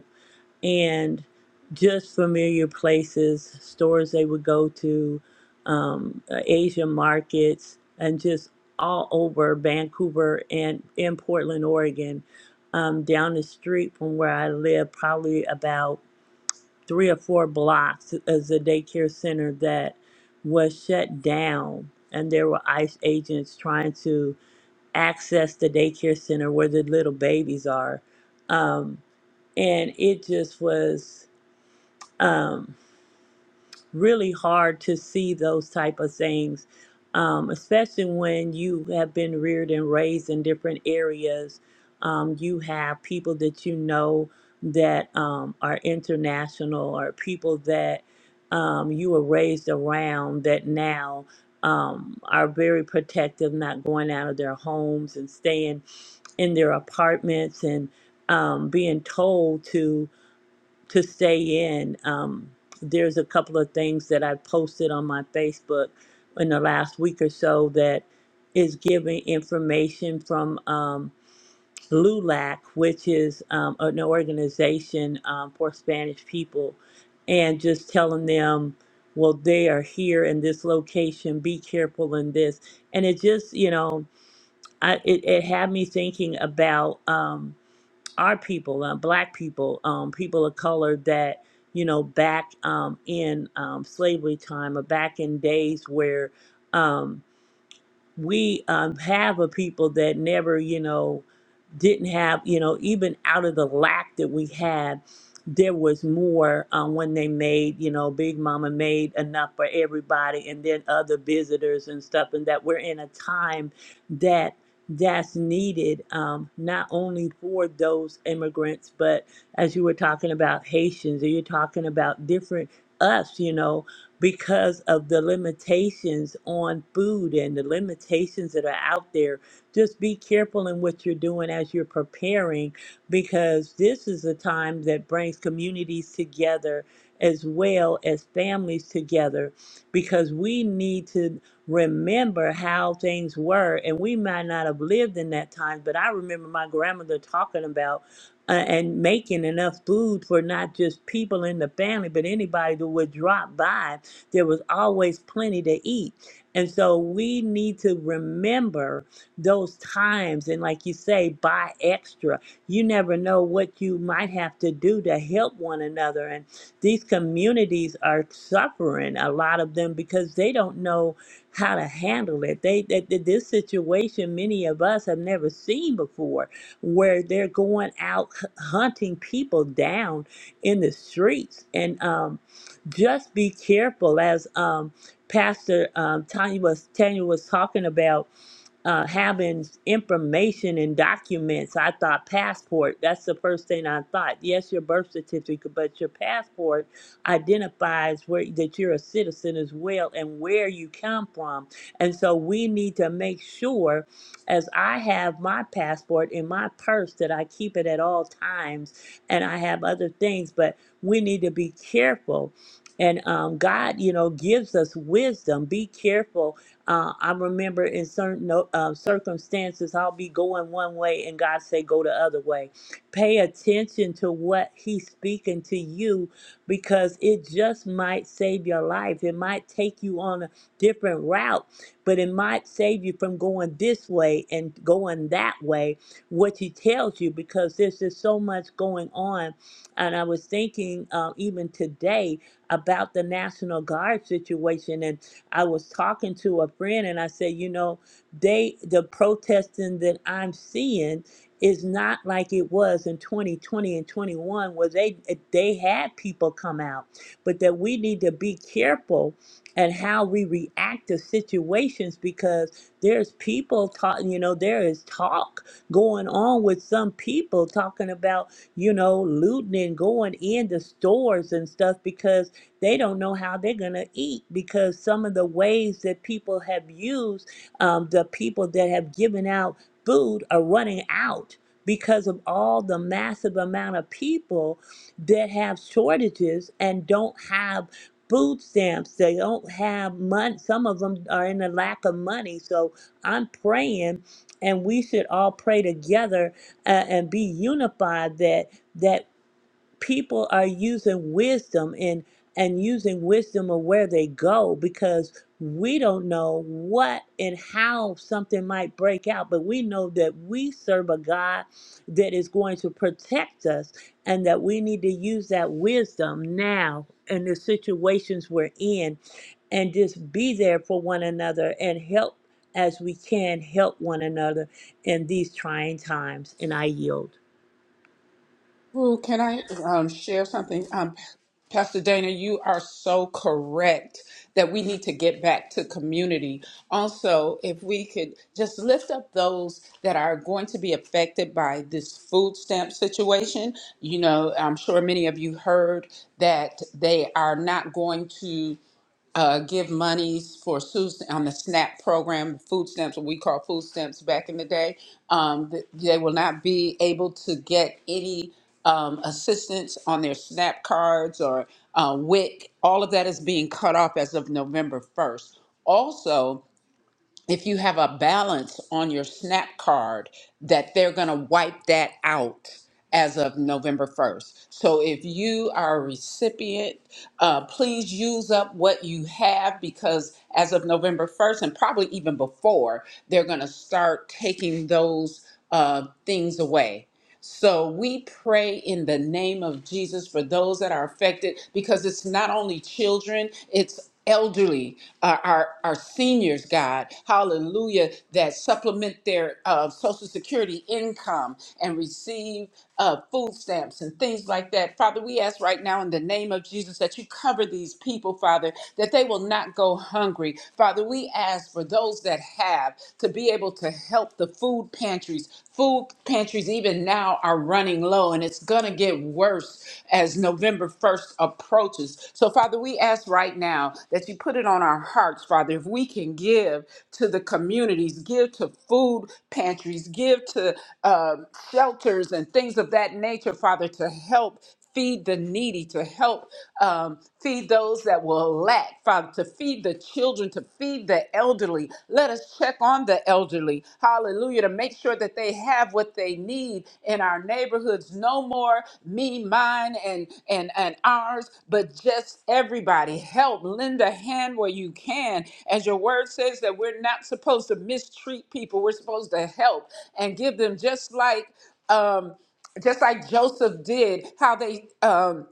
S5: and just familiar places, stores they would go to, um, uh, Asian markets, and just all over Vancouver and in Portland, Oregon. Um, down the street from where I live, probably about three or four blocks, is a daycare center that was shut down, and there were ICE agents trying to access the daycare center where the little babies are. Um, and it just was um, really hard to see those type of things, um, especially when you have been reared and raised in different areas. Um, you have people that you know that um, are international or people that um, you were raised around that now um, are very protective, not going out of their homes and staying in their apartments and um, being told to to stay in. Um, there's a couple of things that I posted on my Facebook in the last week or so that is giving information from um, LULAC, which is um, an organization um, for Spanish people, and just telling them, well, they are here in this location, be careful in this. And it just, you know, I, it, it had me thinking about. Um, our people, uh, black people, um, people of color that, you know, back um, in um, slavery time or back in days where, um, we um, have a people that never, you know, didn't have, you know, even out of the lack that we had, there was more um, when they made, you know, Big Mama made enough for everybody and then other visitors and stuff, and that we're in a time that that's needed um, not only for those immigrants, but as you were talking about Haitians, or you're talking about different us, you know, because of the limitations on food and the limitations that are out there. Just be careful in what you're doing as you're preparing, because this is a time that brings communities together as well as families together, because we need to remember how things were. And we might not have lived in that time, but I remember my grandmother talking about. Uh, and making enough food for not just people in the family, but anybody that would drop by there was always plenty to eat. And so we need to remember those times. And like you say, buy extra. You never know what you might have to do to help one another. And these communities are suffering, a lot of them, because they don't know how to handle it. They, they they- This situation, many of us have never seen before, where they're going out h- hunting people down in the streets. And, um, just be careful as um pastor um tanya was tanya was talking about uh, having information and documents. I thought passport. That's the first thing I thought. Yes, your birth certificate, but your passport identifies where that you're a citizen as well and where you come from. And so we need to make sure, as I have my passport in my purse, that I keep it at all times, and I have other things. But we need to be careful. And um, God, you know, gives us wisdom. Be careful uh, I remember in certain no- uh, circumstances, I'll be going one way and God say, go the other way. Pay attention to what he's speaking to you because it just might save your life. It might take you on a different route, but it might save you from going this way and going that way, what he tells you, because there's just so much going on. And I was thinking uh, even today about the National Guard situation. and. I was talking to a friend and I said, you know, they the protesting that I'm seeing is not like it was in 2020 and 21 where they they had people come out, but that we need to be careful and how we react to situations because there's people talking, you know, there is talk going on with some people talking about, you know, looting and going into stores and stuff because they don't know how they're going to eat because some of the ways that people have used um, the people that have given out food are running out because of all the massive amount of people that have shortages and don't have food stamps they don't have money some of them are in a lack of money so i'm praying and we should all pray together uh, and be unified that that people are using wisdom and and using wisdom of where they go because we don't know what and how something might break out but we know that we serve a god that is going to protect us and that we need to use that wisdom now in the situations we're in and just be there for one another and help as we can help one another in these trying times and i yield
S6: Well, can I um, share something? Um, Pastor Dana, you are so correct that we need to get back to community. Also, if we could just lift up those that are going to be affected by this food stamp situation. You know, I'm sure many of you heard that they are not going to uh, give monies for SUS on the SNAP program, food stamps, what we call food stamps back in the day. Um, th- they will not be able to get any um, assistance on their SNAP cards or uh, WIC. All of that is being cut off as of November 1st. Also, if you have a balance on your SNAP card, that they're going to wipe that out as of November 1st. So if you are a recipient, uh, please use up what you have because as of November 1st, and probably even before, they're going to start taking those uh, things away. So we pray in the name of Jesus for those that are affected because it's not only children, it's elderly, uh, our, our seniors, God, hallelujah, that supplement their uh, Social Security income and receive uh, food stamps and things like that. Father, we ask right now in the name of Jesus that you cover these people, Father, that they will not go hungry. Father, we ask for those that have to be able to help the food pantries. Food pantries, even now, are running low, and it's going to get worse as November 1st approaches. So, Father, we ask right now now, that you put it on our hearts, Father, if we can give to the communities, give to food pantries, give to uh, shelters and things of that nature, Father, to help feed the needy, to help um, feed those that will lack, Father, to feed the children, to feed the elderly. Let us check on the elderly. Hallelujah to make sure that they have what they need in our neighborhoods. No more me, mine, and and and ours, but just everybody. Help, lend a hand where you can. As your word says that we're not supposed to mistreat people. We're supposed to help and give them just like um just like Joseph did, how they um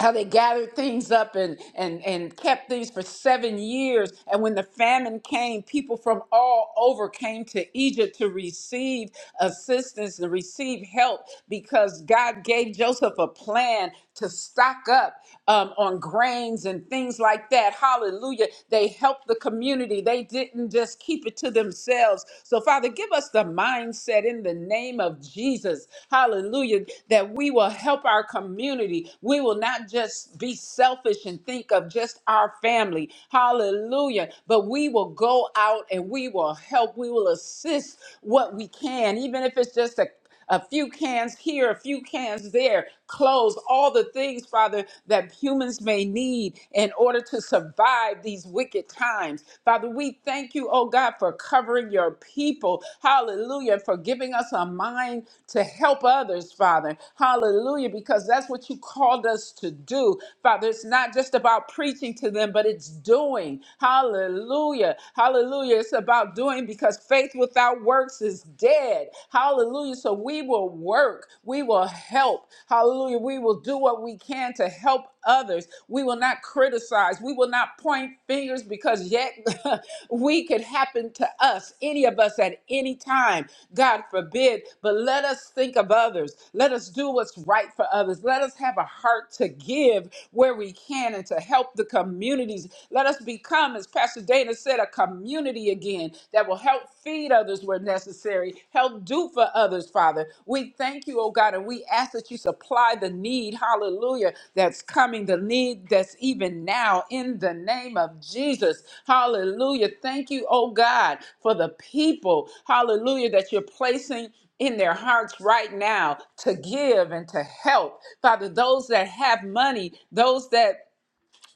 S6: how they gathered things up and, and, and kept things for seven years. And when the famine came, people from all over came to Egypt to receive assistance and receive help because God gave Joseph a plan to stock up um, on grains and things like that. Hallelujah. They helped the community, they didn't just keep it to themselves. So, Father, give us the mindset said, in the name of Jesus, hallelujah, that we will help our community. We will not just be selfish and think of just our family, hallelujah, but we will go out and we will help. We will assist what we can, even if it's just a a few cans here, a few cans there, clothes, all the things, Father, that humans may need in order to survive these wicked times. Father, we thank you, oh God, for covering your people. Hallelujah. For giving us a mind to help others, Father. Hallelujah. Because that's what you called us to do. Father, it's not just about preaching to them, but it's doing. Hallelujah. Hallelujah. It's about doing because faith faith without works is dead. Hallelujah. So we will work. We will help. Hallelujah. We will do what we can to help others. We will not criticize. We will not point fingers because yet we could happen to us, any of us at any time. God forbid. But let us think of others. Let us do what's right for others. Let us have a heart to give where we can and to help the communities. Let us become, as Pastor Dana said, a community again that will help feed others where necessary, help do for others, Father. We thank you, oh God, and we ask that you supply the need, hallelujah, that's coming, the need that's even now in the name of Jesus. Hallelujah. Thank you, oh God, for the people, hallelujah, that you're placing in their hearts right now to give and to help. Father, those that have money, those that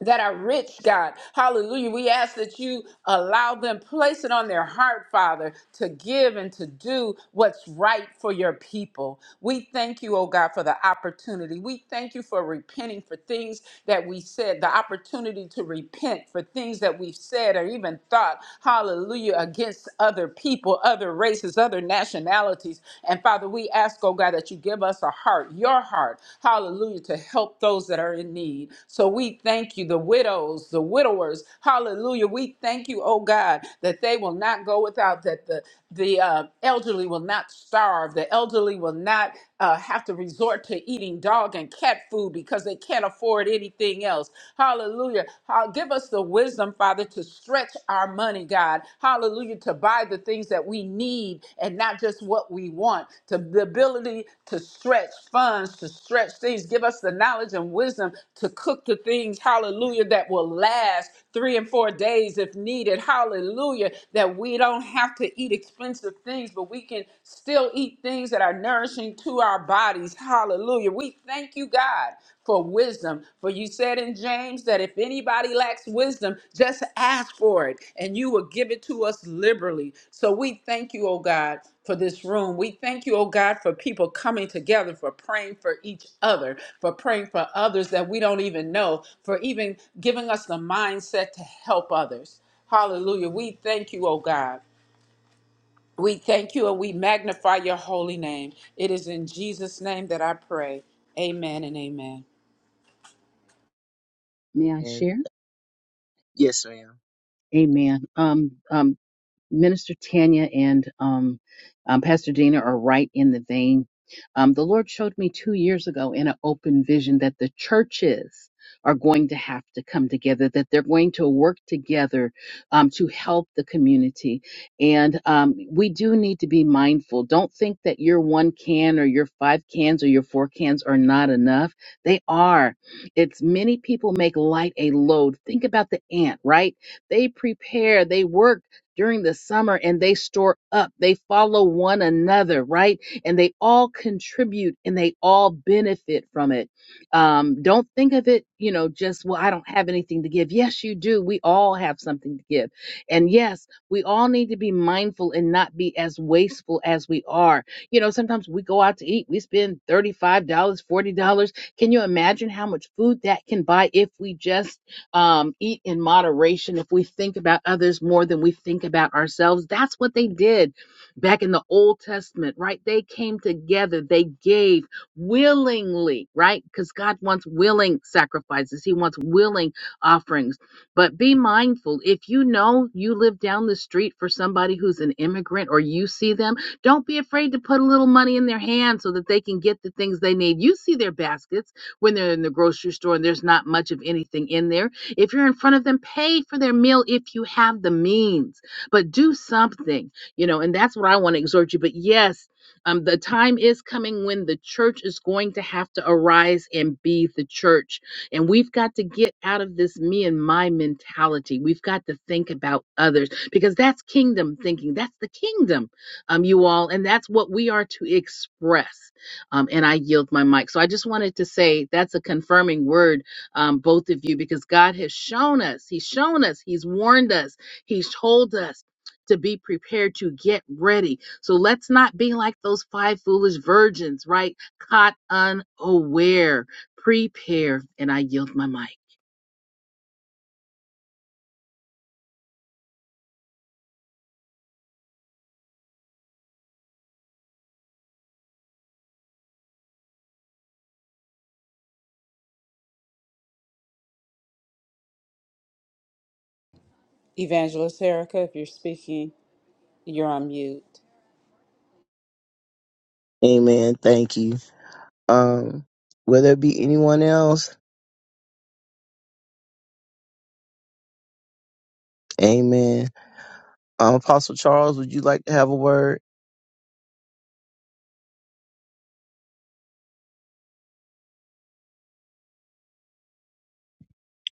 S6: that are rich, God. Hallelujah. We ask that you allow them, place it on their heart, Father, to give and to do what's right for your people. We thank you, oh God, for the opportunity. We thank you for repenting for things that we said, the opportunity to repent for things that we've said or even thought, hallelujah, against other people, other races, other nationalities. And Father, we we ask, oh God, that you give us a heart, your heart, hallelujah, to help those that are in need. So we thank you, the widows, the widowers, hallelujah. We thank you, oh God, that they will not go without, that the, the uh, elderly will not starve, the elderly will not uh, have to resort to eating dog and cat food because they can't afford anything else. Hallelujah. How- give us the wisdom, Father, to stretch our money, God. Hallelujah. To buy the things that we need and not just what we want. To the ability to stretch funds, to stretch things. Give us the knowledge and wisdom to cook the things, hallelujah, that will last three and four days if needed. Hallelujah. That we don't have to eat expensive things, but we can still eat things that are nourishing to our bodies. Hallelujah. We thank you, God, for wisdom. For you said in James that if anybody lacks wisdom, just ask for it, and you will give it to us liberally. So we thank you, oh God, for this room. We thank you, oh God, for people coming together, for praying for each other, for praying for others that we don't even know, for even giving us the mindset to help others. Hallelujah. We thank you, oh God. We thank you and we magnify your holy name. It is in Jesus' name that I pray. Amen and amen.
S4: May I
S1: And
S4: share?
S1: yes, ma'am.
S4: Amen. Um, um, Minister Tanya and um, um, Pastor Dina are right in the vein. Um, the Lord showed me two years ago in an open vision that the churches are going to have to come together, that they're going to work together um, to help the community. And um, we do need to be mindful. Don't think that your one can or your five cans or your four cans are not enough. They are. It's many people make light a load. Think about the ant, right? They prepare, they work during the summer and they store up. They follow one another, right? And they all contribute and they all benefit from it. Um, don't think of it, you know, just, well, I don't have anything to give. Yes, you do. We all have something to give. And yes, we all need to be mindful and not be as wasteful as we are. You know, sometimes we go out to eat, we spend $35, dollars, $40. Can you imagine how much food that can buy if we just um, eat in moderation, if we think about others more than we think about ourselves. That's what they did back in the Old Testament, right? They came together, they gave willingly, right? Because God wants willing sacrifices, He wants willing offerings. But be mindful if you know you live down the street for somebody who's an immigrant or you see them, don't be afraid to put a little money in their hand so that they can get the things they need. You see their baskets when they're in the grocery store and there's not much of anything in there if you're in front of them, pay for their meal if you have the means, but do something, you know, and that's what I want to exhort you. But yes, um, the time is coming when the church is going to have to arise and be the church. And we've got to get out of this me and my mentality. We've got to think about others because that's kingdom thinking. That's the kingdom, um, you all. And that's what we are to express. Um, and I yield my mic. So I just wanted to say that's a confirming word um, both of you, because God has shown us, He's shown us, He's warned us, He's told us to be prepared to get ready. So let's not be like those five foolish virgins, right? Caught unaware. Prepare. And I yield my mic.
S6: Evangelist Erica, if you're speaking, you're on mute.
S1: Amen. Thank you. Um, will there be anyone else? Amen. Um, Apostle Charles, would you like to have a word?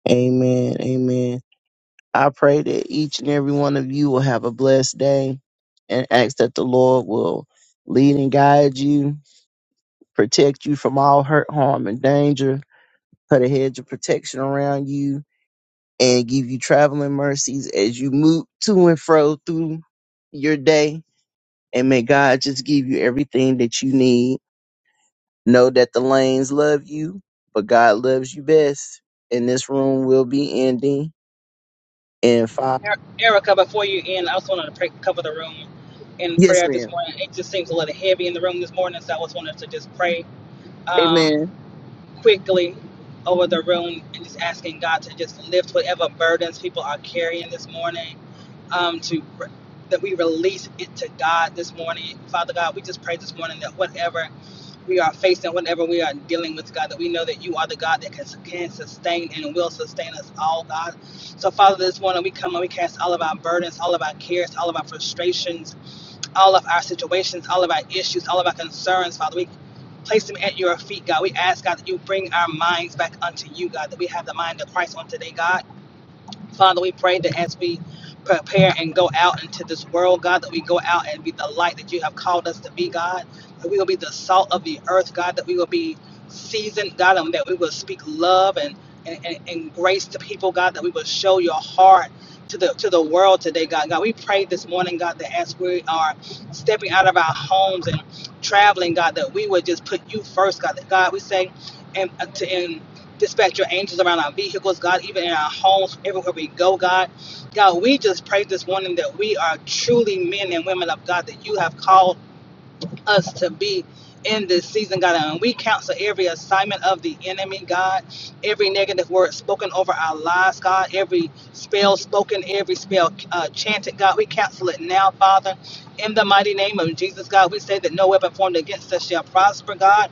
S1: Amen. Amen. I pray that each and every one of you will have a blessed day and ask that the Lord will lead and guide you, protect you from all hurt, harm, and danger, put a hedge of protection around you, and give you traveling mercies as you move to and fro through your day. And may God just give you everything that you need. Know that the lanes love you, but God loves you best. And this room will be ending in five.
S3: Er- Erica, before you end, I also wanted to pray, cover the room in
S1: Yes,
S3: prayer
S1: ma'am.
S3: this morning. It just seems a little heavy in the room this morning, so I just wanted to just pray um,
S1: Amen.
S3: quickly over the room and just asking God to just lift whatever burdens people are carrying this morning. Um, to that we release it to God this morning, Father God. We just pray this morning that whatever. we are facing, whatever we are dealing with, God, that we know that you are the God that can, can sustain and will sustain us all, God. So, Father, this morning we come and we cast all of our burdens, all of our cares, all of our frustrations, all of our situations, all of our issues, all of our concerns, Father. We place them at your feet, God. We ask, God, that you bring our minds back unto you, God, that we have the mind of Christ on today, God. Father, we pray that as we prepare and go out into this world, God, that we go out and be the light that you have called us to be, God, that we will be the salt of the earth, God, that we will be seasoned, God, and that we will speak love and, and, and, and grace to people, God, that we will show your heart. To the, to the world today, God. God, we pray this morning, God, that as we are stepping out of our homes and traveling, God, that we would just put you first, God. That God, we say, and uh, to, in dispatch your angels around our vehicles, God, even in our homes, everywhere we go, God. God, we just pray this morning that we are truly men and women of God that you have called us to be in this season, God. And we counsel every assignment of the enemy, God, every negative word spoken over our lives, God, every spell spoken, every spell uh, chanted, God. We counsel it now, Father. In the mighty name of Jesus, God, we say that no weapon formed against us shall prosper, God.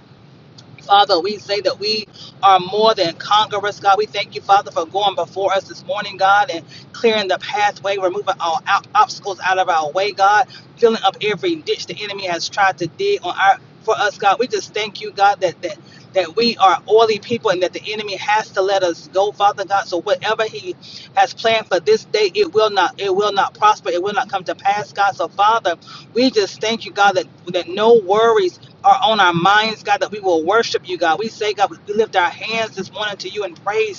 S3: Father, we say that we are more than conquerors, God. We thank you, Father, for going before us this morning, God, and clearing the pathway, removing all out- obstacles out of our way, God, filling up every ditch the enemy has tried to dig on our for us, God. We just thank you, God, that that that we are oily people and that the enemy has to let us go, Father God. So whatever he has planned for this day, it will not it will not prosper. It will not come to pass, God. So Father, we just thank you, God, that, that no worries are on our minds, God, that we will worship you, God. We say, God, we lift our hands this morning to you and praise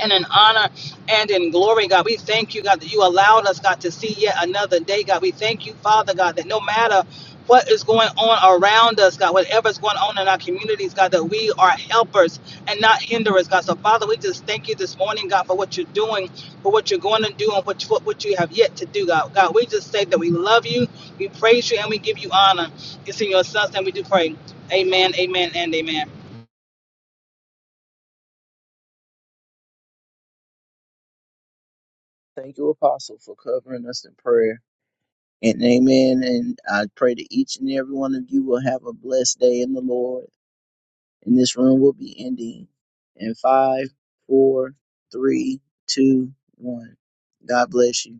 S3: and in honor and in glory, God. We thank you, God, that you allowed us, God, to see yet another day, God. We thank you, Father, God, that no matter what is going on around us, God, whatever's going on in our communities, God, that we are helpers and not hinderers, God. So, Father, we just thank you this morning, God, for what you're doing, for what you're going to do, and what, what, what you have yet to do, God. God, we just say that we love you, we praise you, and we give you honor. It's in your son's name we do pray. Amen, amen, and amen.
S1: Thank you, Apostle, for covering us in prayer. And amen. And I pray that each and every one of you will have a blessed day in the Lord. And this room will be ending in five, four, three, two, one. God bless you.